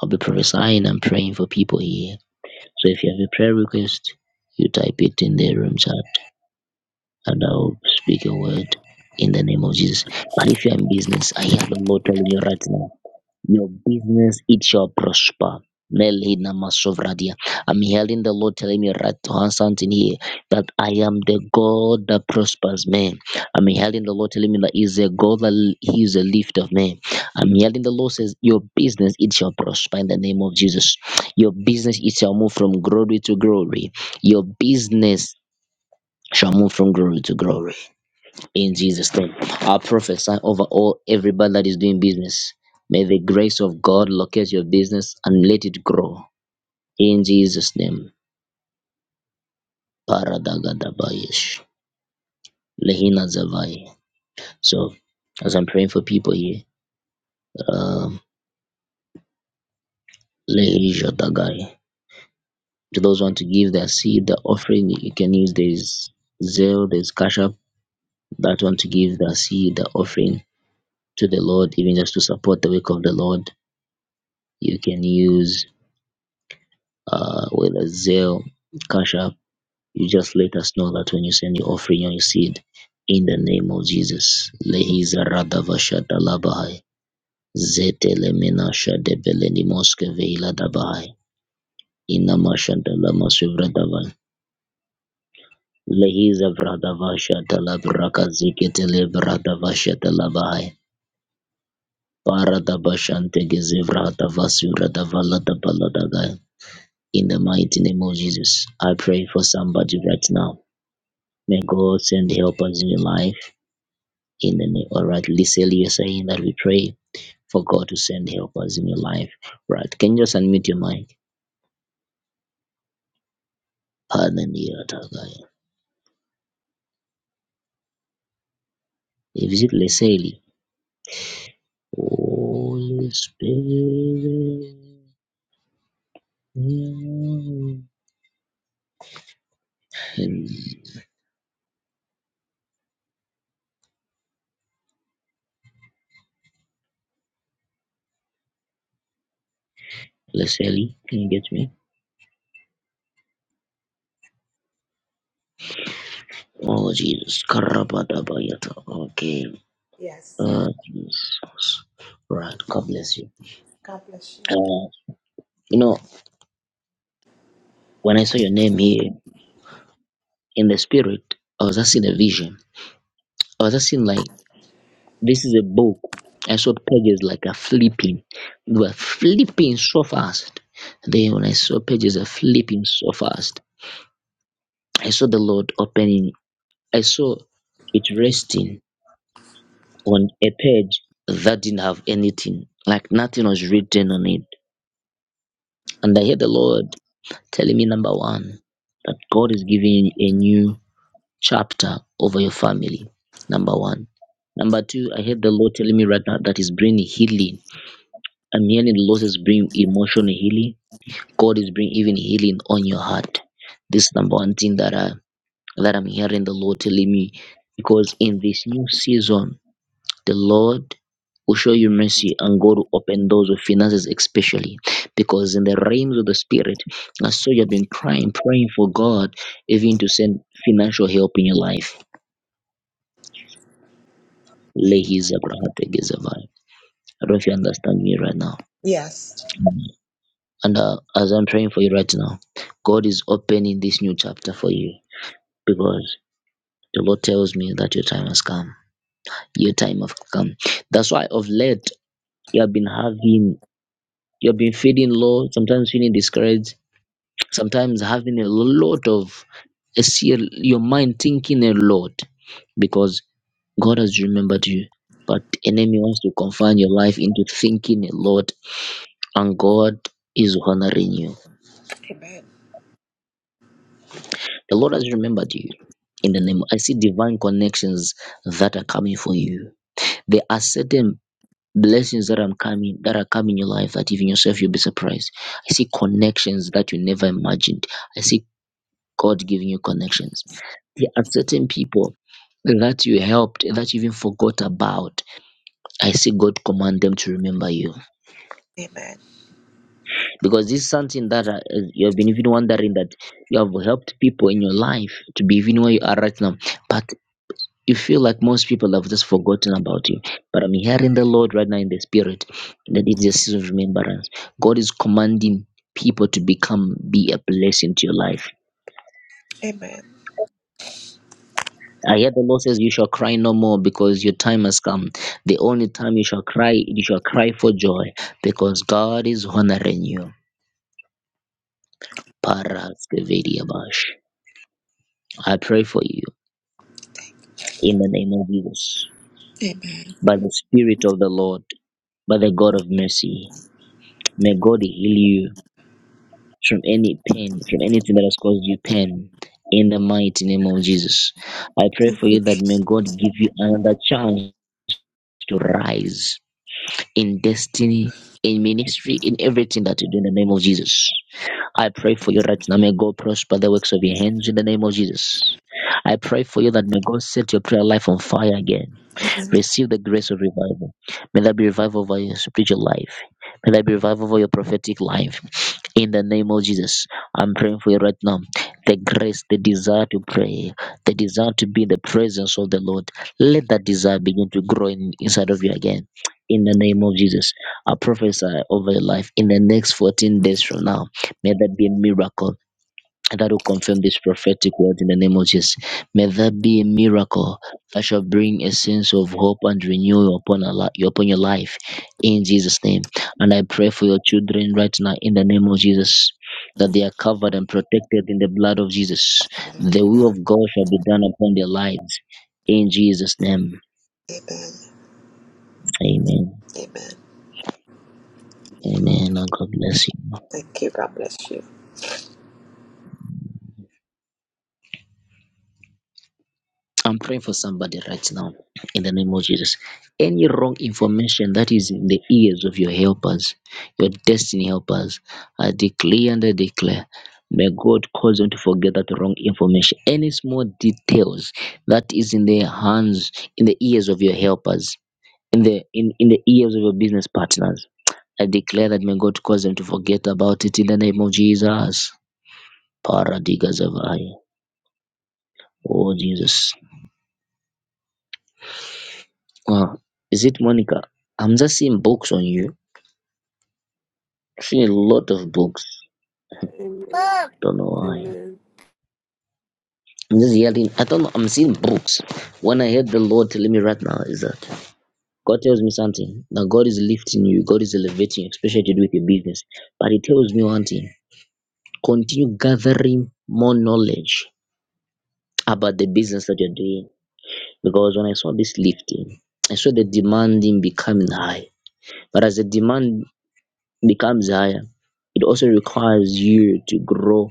Speaker 1: I'll be prophesying and praying for people here So if you have a prayer request, you type it in the room chat and I'll speak a word in the name of Jesus. But if you're in business, I hear the Lord telling you right now, your business, it shall prosper. Melina Masovradia. I'm hearing the Lord telling me right to hand something here that I am the God that prospers man. I'm hearing the Lord telling me that He's a God that He is a lift of man. I'm hearing the Lord says, Your business it shall prosper in the name of Jesus. Your business it shall move from glory to glory. Your business shall move from glory to glory in Jesus' name. I prophesy over all everybody that is doing business. May the grace of God locate your business and let it grow. In Jesus' name. Paradagadabayesh. Lehina Zavai. So as I'm praying for people here, um Lehisha Dagai. To those who want to give their seed, the offering, you can use this Zelle, there's Cash App that want to give their seed, the offering to the Lord, even just to support the work of the Lord. You can use uh, whether it's Zelle, Cash App, you just let us know that when you send your offering and your seed in the name of Jesus. Lehiza radava shadalabahai. Zete lemina shadebeleni moske veila dabahai. Inama shadalama suvradavai. Lehiza vradava shadalabraka ziketele vradava shadalabahai. Paradaba shantegeze vradava suvradava ladabaladagai. In the mighty name of Jesus, I pray for somebody right now May God send helpers in your life. In the name, all right, Lisa, you're saying that we pray for God to send helpers in your life. Right, can you just unmute your mic? Pardon me, Atagaya. If it Leslie, Holy Spirit. Leslie, can you get me? Oh Jesus, Karabadabayata. Okay,
Speaker 6: Yes.
Speaker 1: uh, Jesus. Right, God bless you.
Speaker 6: God bless you.
Speaker 1: Uh, you know, when I saw your name here. in the spirit, I was just in a vision. I was just in like this is a book. I saw pages like a flipping. They were flipping so fast. Then when I saw pages are flipping so fast, I saw the Lord opening. I saw it resting on a page that didn't have anything. Like nothing was written on it. And I heard the Lord telling me number one that God is giving a new chapter over your family. Number one. Number two, I heard the Lord telling me right now that He's bringing healing. I'm hearing the Lord is bringing emotional healing. God is bringing even healing on your heart. This is number one thing that I that I'm hearing the Lord telling me, because in this new season, the Lord will show you mercy and God will open doors of finances, especially because in the realms of the spirit, I saw you've been crying, praying for God even to send financial help in your life Lehis Abrahategezavai. I don't know if you understand me right now.
Speaker 6: Yes.
Speaker 1: And uh, as I'm praying for you right now, God is opening this new chapter for you because the Lord tells me that your time has come. Your time has come. That's why of late you have been having, you have been feeling low, sometimes feeling discouraged, sometimes having a lot of, a ser- your mind thinking a lot because God has remembered you. But enemy wants to confine your life into thinking a lot and God is honoring you.
Speaker 6: Amen.
Speaker 1: The Lord has remembered you. In the name, I see divine connections that are coming for you. There are certain blessings that are coming that are coming in your life that even yourself you'll be surprised. I see connections that you never imagined. I see God giving you connections. There are certain people that you helped that you even forgot about. I see God command them to remember you.
Speaker 6: Amen.
Speaker 1: because this is something that uh, you have been even wondering that you have helped people in your life to be even where you are right now but you feel like most people have just forgotten about you but i'm hearing the lord right now in the spirit that it's a season of remembrance god is commanding people to become be a blessing to your life
Speaker 6: Amen.
Speaker 1: I hear the Lord says, "You shall cry no more, because your time has come. The only time you shall cry, you shall cry for joy, because God is honoring you." Para Skevediabash. I pray for you in the name of Jesus.
Speaker 6: Amen.
Speaker 1: By the Spirit of the Lord, by the God of mercy, may God heal you from any pain, from anything that has caused you pain, in the mighty name of Jesus. I pray for you that may God give you another chance to rise in destiny, in ministry, in everything that you do in the name of Jesus. I pray for you right now. May God prosper the works of your hands in the name of Jesus. I pray for you that may God set your prayer life on fire again. Receive the grace of revival. May that be revival over your spiritual life. May that be revival over your prophetic life. In the name of Jesus, I'm praying for you right now. The grace, the desire to pray, the desire to be in the presence of the Lord. Let that desire begin to grow in, inside of you again. In the name of Jesus, I prophesy over your life in the next 14 days from now. May that be a miracle that will confirm this prophetic word in the name of Jesus. May that be a miracle that shall bring a sense of hope and renewal upon, a li- upon your life in Jesus' name. And I pray for your children right now in the name of Jesus that they are covered and protected in the blood of Jesus. The will of God shall be done upon their lives in Jesus' name.
Speaker 6: Amen.
Speaker 1: Amen.
Speaker 6: Amen.
Speaker 1: Amen. And God bless you.
Speaker 6: Thank you. God bless you.
Speaker 1: I'm praying for somebody right now in the name of Jesus. Any wrong information that is in the ears of your helpers, your destiny helpers, I declare and I declare. May God cause them to forget that wrong information. Any small details that is in the hands, in the ears of your helpers, in the in, in the ears of your business partners. I declare that may God cause them to forget about it in the name of Jesus. Paradigas of I. Oh Jesus. Wow. Is it Monica? I'm just seeing books on you. Seeing a lot of books.
Speaker 4: Amen.
Speaker 1: Don't know why.
Speaker 4: Amen.
Speaker 1: I'm just yelling. I don't know. I'm seeing books. When I heard the Lord telling me right now is that God tells me something that God is lifting you, God is elevating you, especially to do with your business. But He tells me one thing continue gathering more knowledge about the business that you're doing. Because when I saw this lifting, I saw the demanding becoming high. But as the demand becomes higher, it also requires you to grow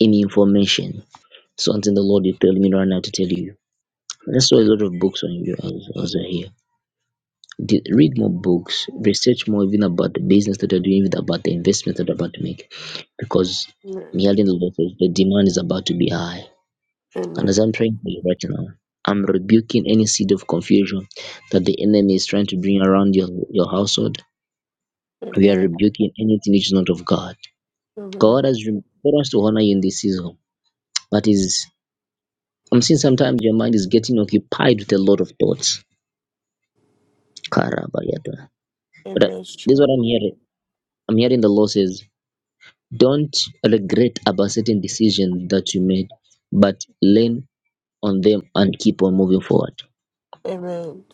Speaker 1: any information. Something the Lord is telling me right now to tell you. I just saw a lot of books on you as as I hear. Do- Read more books, research more even about the business that you're doing, even about the investment that you're about to make. Because me
Speaker 4: Amen.
Speaker 1: hearing the Lord says the demand is about to be high. And as
Speaker 4: Amen.
Speaker 1: I'm praying for you right now, I'm rebuking any seed of confusion that the enemy is trying to bring around your, your household. We are
Speaker 4: Amen.
Speaker 1: rebuking anything which is not of God.
Speaker 4: Amen.
Speaker 1: God has rem- God wants to honor you in this season. That is I'm seeing sometimes your mind is getting occupied with a lot of thoughts. Karabayata. But
Speaker 4: Amen.
Speaker 1: uh,
Speaker 4: It's
Speaker 1: this is
Speaker 4: true.
Speaker 1: what I'm hearing. I'm hearing the Lord says, don't regret about certain decisions that you made, but lean on them and keep on moving forward.
Speaker 4: Amen.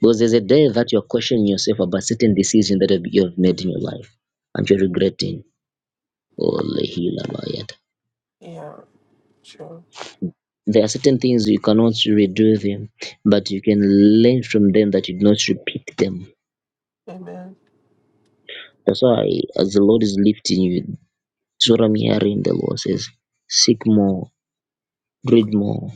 Speaker 1: Because there's a day that you're questioning yourself about certain decisions that have- you have made in your life and you're regretting. Oh, lehilabayata.
Speaker 4: Yeah. True.
Speaker 1: There are certain things you cannot redo them, but you can learn from them that you do not repeat them.
Speaker 4: Amen.
Speaker 1: That's why, as the Lord is lifting you, That's what I'm hearing. The Lord says, seek more, read more,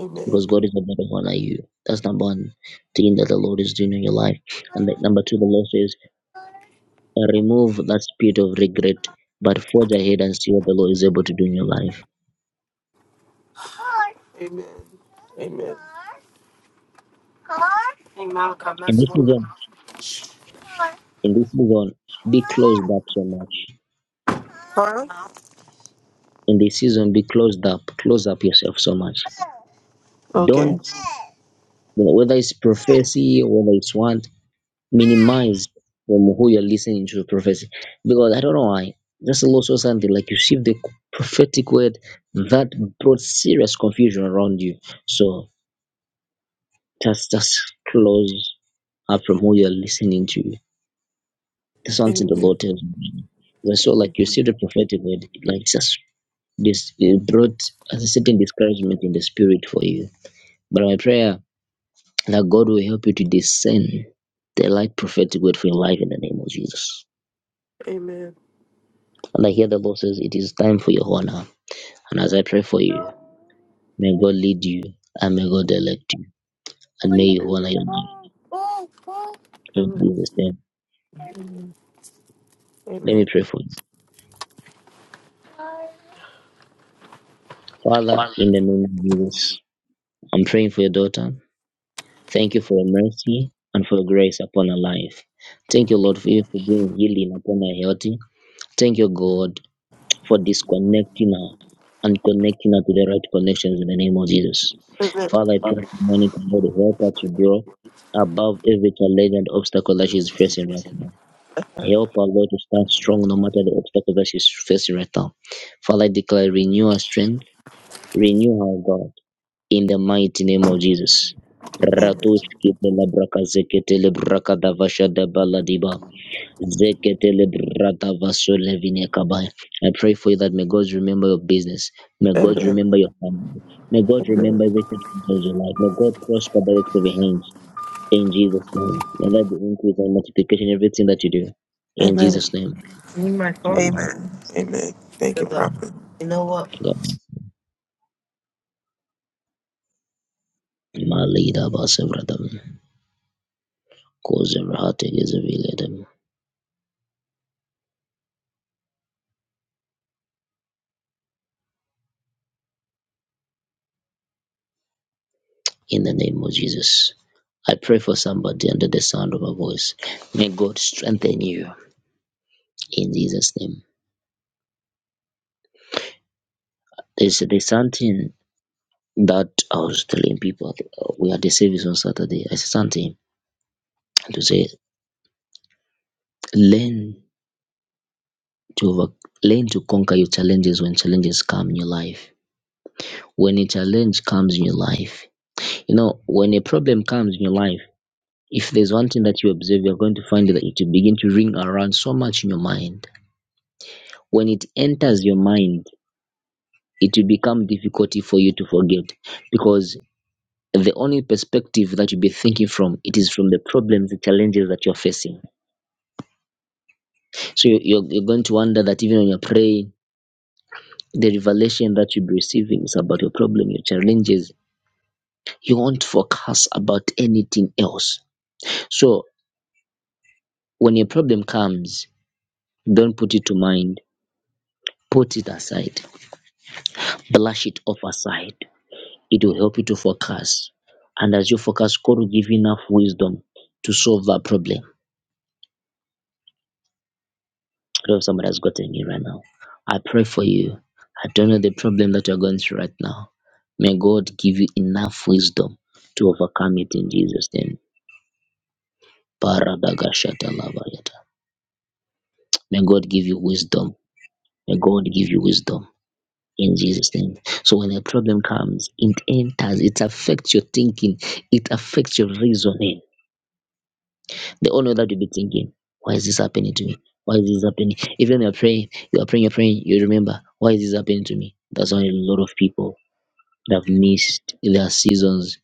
Speaker 4: Amen.
Speaker 1: because God is a better one than you. That's number one thing that the Lord is doing in your life. And the, number two, the Lord says, uh, remove that spirit of regret, but forge ahead and see what the Lord is able to do in your life.
Speaker 4: Amen. Amen.
Speaker 1: In this season, in this season, be closed up so much.
Speaker 4: Huh?
Speaker 1: In this season, be closed up, close up yourself so much.
Speaker 4: Okay.
Speaker 1: Don't
Speaker 4: Amen.
Speaker 1: you know, whether it's prophecy, whether it's one minimized from who you're listening to the prophecy because I don't know why. Just Allah saw something like you received the prophetic word that brought serious confusion around you. So just just close up from who you're listening to. That's something the Lord
Speaker 4: Amen.
Speaker 1: tells me. That's so like you see the prophetic word, like just this it brought a certain discouragement in the spirit for you. But my prayer that God will help you to discern the light prophetic word for your life in the name of Jesus.
Speaker 4: Amen.
Speaker 1: And I hear the Lord says, It is time for Yohana, And as I pray for you, may God lead you and may God elect you. And may
Speaker 4: Amen.
Speaker 1: you honor your name in Jesus' name. Let me
Speaker 4: Amen. Amen.
Speaker 1: pray for you. Father, in the name of Jesus, I'm praying for your daughter. Thank you for your mercy and for your grace upon her life. Thank you, Lord, for you for bringing healing upon her health. Thank you, God, for disconnecting her and connecting her to the right connections in the name of Jesus. Father, I pray for Monica, Lord, help her to grow above every challenge and obstacle that she's facing right now. Help her, Lord, to stand strong no matter the obstacle that she's facing right now. Father, I declare, renew her strength, renew her God, in the mighty name of Jesus.
Speaker 4: Amen.
Speaker 1: Ratushki de la braka zekete le braka davasha de baladiba. Zeketele brata vasole vine kabai. I pray for you that may God remember your business. May God
Speaker 4: Amen.
Speaker 1: remember your family. May God
Speaker 4: Amen.
Speaker 1: remember everything concerns your life. May God prosper the works of your hands. In Jesus' name. May that be increase and multiplication in everything that you do. In Jesus'
Speaker 4: Amen.
Speaker 1: name.
Speaker 4: Need my thoughts.
Speaker 1: Amen.
Speaker 4: Amen. Amen. Thank you, Because, uh, Prophet. you know what?
Speaker 1: God. Malida basevradam. Kozevrahate gezeviledam. In the name of Jesus. I pray for somebody under the sound of my voice. May God strengthen you in Jesus' name. There's, there's something that I was telling people uh, we had the service on Saturday. I said something to say learn to over, learn to conquer your challenges when challenges come in your life. When a challenge comes in your life, you know, when a problem comes in your life, if there's one thing that you observe, you're going to find that it will begin to ring around so much in your mind. When it enters your mind, it will become difficult for you to forget because the only perspective that you'll be thinking from it is from the problems, the challenges that you're facing So you- you're, you're going to wonder that even when you're praying, the revelation that you'll be receiving is about your problem, your challenges. You won't focus about anything else. So when your problem comes, don't put it to mind. Put it aside. Brush it off aside. It will help you to focus. And as you focus, God will give you enough wisdom to solve that problem. I love somebody has got gotten you right now. I pray for you. I don't know the problem that you're going through right now. May God give you enough wisdom to overcome it in Jesus' name. Paradagashatalabayata. May God give you wisdom. May God give you wisdom in Jesus' name. So when a problem comes, it enters, it affects your thinking, it affects your reasoning They all know that you'll be thinking, why is this happening to me? Why is this happening? Even you're praying, you're praying, you're praying, you remember, why is this happening to me? That's why a lot of people that have missed their seasons,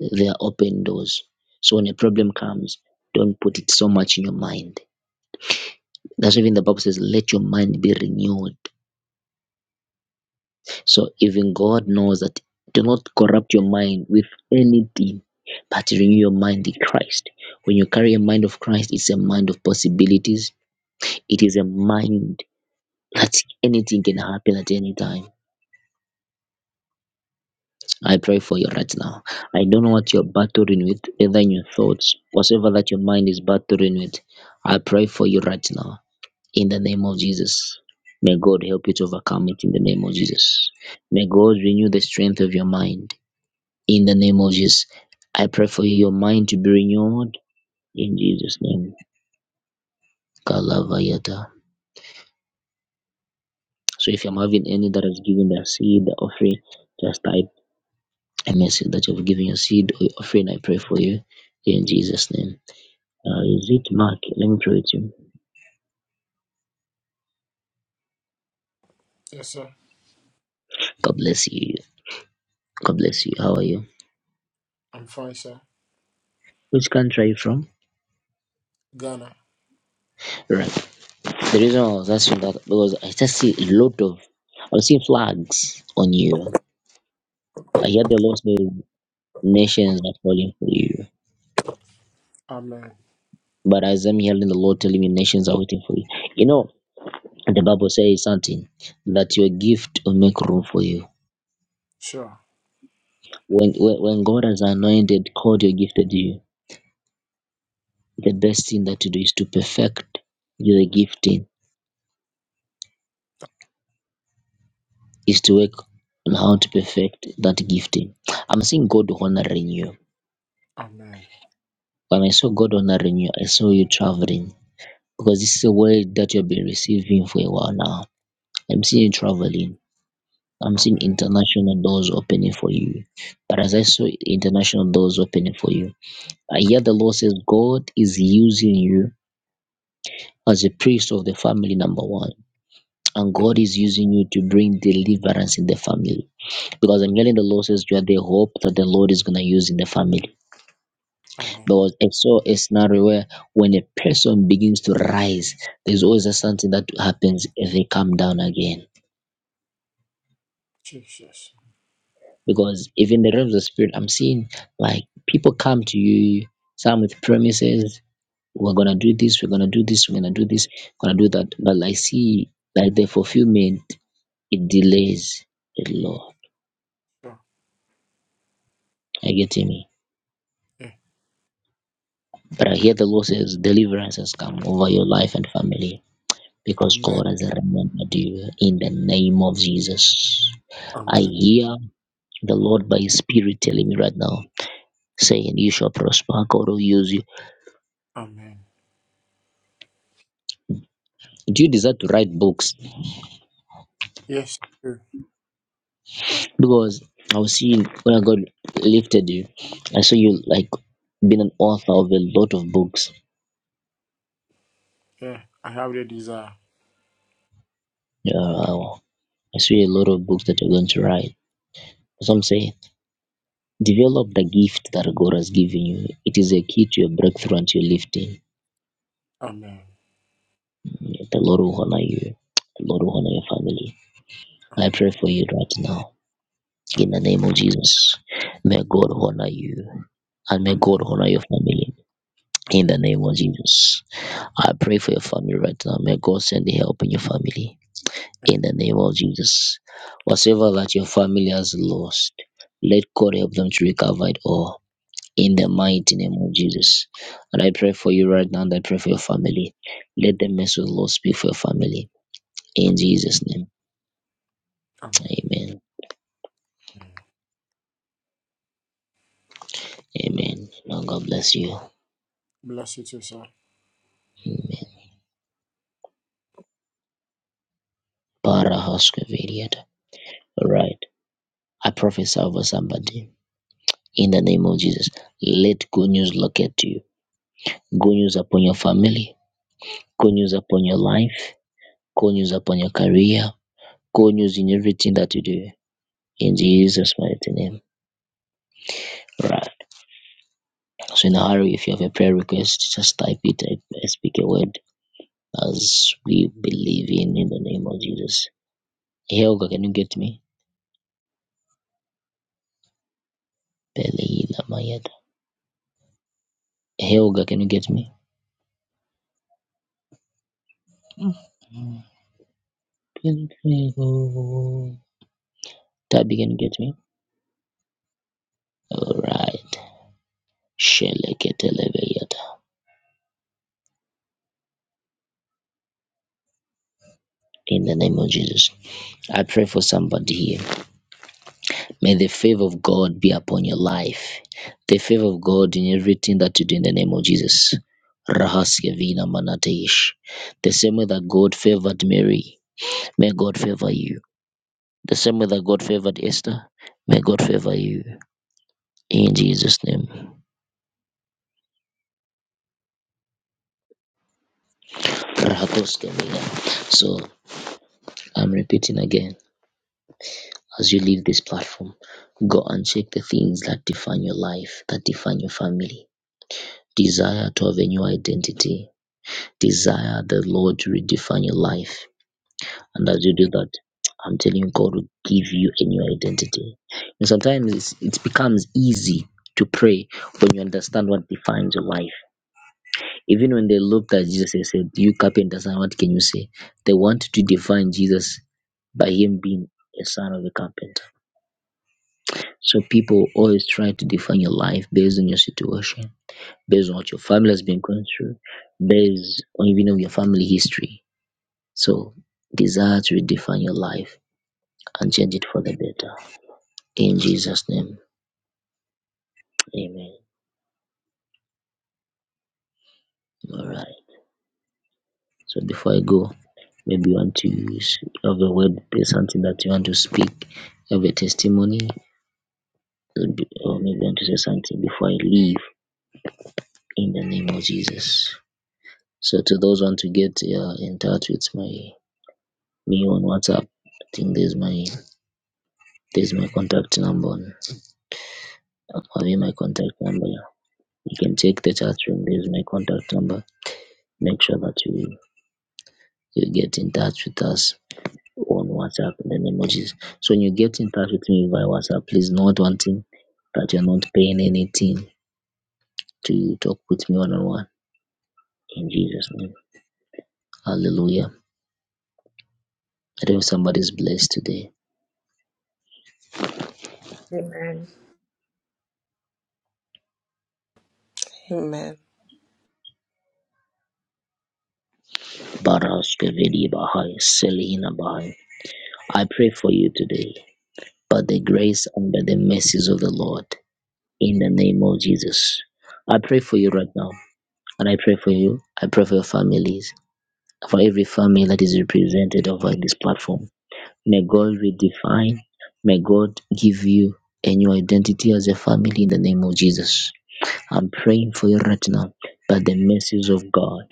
Speaker 1: their open doors. So when a problem comes, don't put it so much in your mind. That's why even the Bible says, let your mind be renewed. So even God knows that do not corrupt your mind with anything, but renew your mind in Christ. When you carry a mind of Christ, it's a mind of possibilities. It is a mind that anything can happen at any time. I pray for you right now. I don't know what you're battling with, either in your thoughts, whatever that your mind is battling with. I pray for you right now in the name of Jesus. May God help you to overcome it in the name of Jesus. May God renew the strength of your mind in the name of Jesus. I pray for your mind to be renewed in Jesus' name. Kalavayata. So if I'm having any that has given their seed, the offering, just type I mercy that you've given your seed or your offering. I pray for you in Jesus' name. Uh, is it Mark? Let me pray with you.
Speaker 5: yes sir
Speaker 1: God bless you. God bless you. How are you?
Speaker 5: I'm fine sir
Speaker 1: Which country are you from?
Speaker 5: Ghana
Speaker 1: Right. The reason I was asking that because I just see a lot of I'm seeing flags on you. I hear the Lord say nations are calling for you.
Speaker 5: Amen.
Speaker 1: But as I'm hearing the Lord telling me nations are waiting for you. You know, the Bible says something that your gift will make room for you.
Speaker 5: Sure.
Speaker 1: When when, when God has anointed, called your gifted you the best thing that you do is to perfect your gifting, is to work on how to perfect that gifting. I'm seeing God honoring you.
Speaker 5: Amen.
Speaker 1: When I saw God honoring you, I saw you traveling because this is a word that you've been receiving for a while now. I'm seeing you traveling. I'm seeing
Speaker 5: Amen.
Speaker 1: international doors opening for you. But as I saw international doors opening for you, I hear
Speaker 5: Amen.
Speaker 1: the Lord says God is using you as a priest of the family, number one. And God
Speaker 5: Amen.
Speaker 1: is using you to bring deliverance in the family because I'm getting the losses where they hope that the Lord is gonna use in the family.
Speaker 5: Amen.
Speaker 1: Because I saw a scenario where when a person begins to rise, there's always a something that happens if they come down again.
Speaker 5: Jesus.
Speaker 1: Because if in the realms of spirit, I'm seeing like people come to you, some with promises, we're gonna do this, we're gonna do this, we're gonna do this, we're gonna do that. But I see like the fulfillment it delays the law.
Speaker 5: Sure.
Speaker 1: Are you getting me?
Speaker 5: Yeah.
Speaker 1: But I hear the Lord says deliverance has come over your life and family because
Speaker 5: Amen.
Speaker 1: God has remembered you in the name of Jesus. I
Speaker 5: Amen.
Speaker 1: hear the Lord by His Spirit telling me right now, saying, You shall prosper, God will use you.
Speaker 5: Amen.
Speaker 1: Do you desire to write books?
Speaker 5: Yes. I do.
Speaker 1: Because I was seeing when God lifted you, I saw you like being an author of a lot of books.
Speaker 5: Yeah. I have the desire.
Speaker 1: Yeah, I I see a lot of books that you're going to write. So I'm saying, develop the gift that God has given you. It is a key to your breakthrough and to your lifting.
Speaker 5: Amen.
Speaker 1: The Lord will honor you. The Lord will honor your family. I pray
Speaker 5: Amen.
Speaker 1: for you right now in the
Speaker 5: Amen.
Speaker 1: name of Jesus. May God honor you and may God
Speaker 5: Amen.
Speaker 1: honor your family in
Speaker 5: Amen.
Speaker 1: the name of Jesus. I pray for your family right now. May God send help in your family
Speaker 5: Amen.
Speaker 1: in the name of Jesus. Whatever that your family has lost, let God help them to recover it all in the
Speaker 5: Amen.
Speaker 1: mighty name of Jesus. And I pray for you right now and I pray for your family. Let the mercy of the Lord speak for your family in Jesus' name.
Speaker 5: Amen.
Speaker 1: Amen.
Speaker 5: Amen.
Speaker 1: Amen. Now God bless you.
Speaker 5: Bless you too, sir.
Speaker 1: Amen. Parahoskavadiata. All Right. I prophesy over somebody in the name of Jesus. Let good news locate you. Good news upon your family. Good news upon your life. Good news upon your career. Good news in everything that you do. In Jesus' mighty name. All Right. So in a hurry, if you have a prayer request, just type it. I speak a word as we believe in in the name of Jesus. Helga, can you get me? Belila Mayada. Helga, can you get me? Mm. That began to get me. All right. Sheleketeleveyata. In the name of Jesus, I pray for somebody here. May the favor of God be upon your life. The favor of God in everything that you do in the name of Jesus. Rahaskevina manateish. The same way that God favored Mary, may God favor you. The same way that God favored Esther, may God favor you. In Jesus' name. Rahakoskevina. So I'm repeating again. As you leave this platform, go and check the things that define your life, that define your family. Desire to have a new identity. Desire the Lord to redefine your life. And as you do that, I'm telling you, God will give you a new identity. And sometimes it's, it becomes easy to pray when you understand what defines your life. Even when they looked at Jesus and said, You carpenters, and what can you say? They wanted to define Jesus by him being a son of a carpenter. So people always try to define your life based on your situation, based on what your family has been going through, based on even of your family history. So desire to redefine your life and change it for the better. In Jesus' name, Amen. All right. So before I go, maybe you want to s- have a word, say something that you want to speak, have a testimony, or be- or maybe you want to say something before I leave. In the name of Jesus. So to those who want to get uh, in touch with my me on WhatsApp. I think there's my there's my contact number. on- I'll leave my contact number. yeah. You can check the chat room. There's my contact number. Make sure that you you get in touch with us on WhatsApp and then emojis. So when you get in touch with me via WhatsApp, please note one thing that you're not paying anything to talk with me one on one. In Jesus' name. Hallelujah. I don't know if somebody's blessed today.
Speaker 6: Amen.
Speaker 7: Amen.
Speaker 1: Baras Kavedi Bahai, Selina Bahai. I pray for you today. by the grace and by the mercies of the Lord. In the name of Jesus. I pray for you right now. And I pray for you. I pray for your families. For every family that is represented over this platform. May God redefine. May God give you a new identity as a family in the name of Jesus. I'm praying for you right now by the mercies of God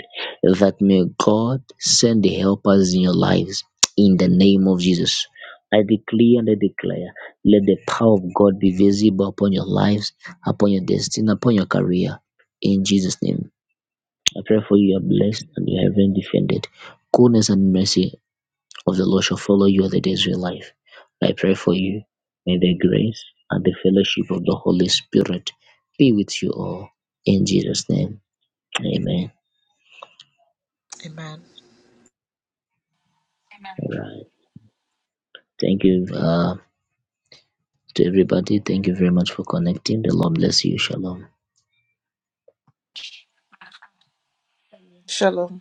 Speaker 1: that may God send the helpers in your lives in the name of Jesus. I declare and I declare, let the power of God be visible upon your lives, upon your destiny, upon your career. In Jesus' name, I pray for you. You are blessed and you are heaven defended. Goodness and mercy of the Lord shall follow you all the days of your life. I pray for you. May the grace and the fellowship of the Holy Spirit be with you all. In Jesus' name, amen.
Speaker 6: Amen.
Speaker 3: Amen.
Speaker 1: All right. Thank you uh, to everybody. Thank you very much for connecting. The Lord bless you. Shalom.
Speaker 7: Shalom.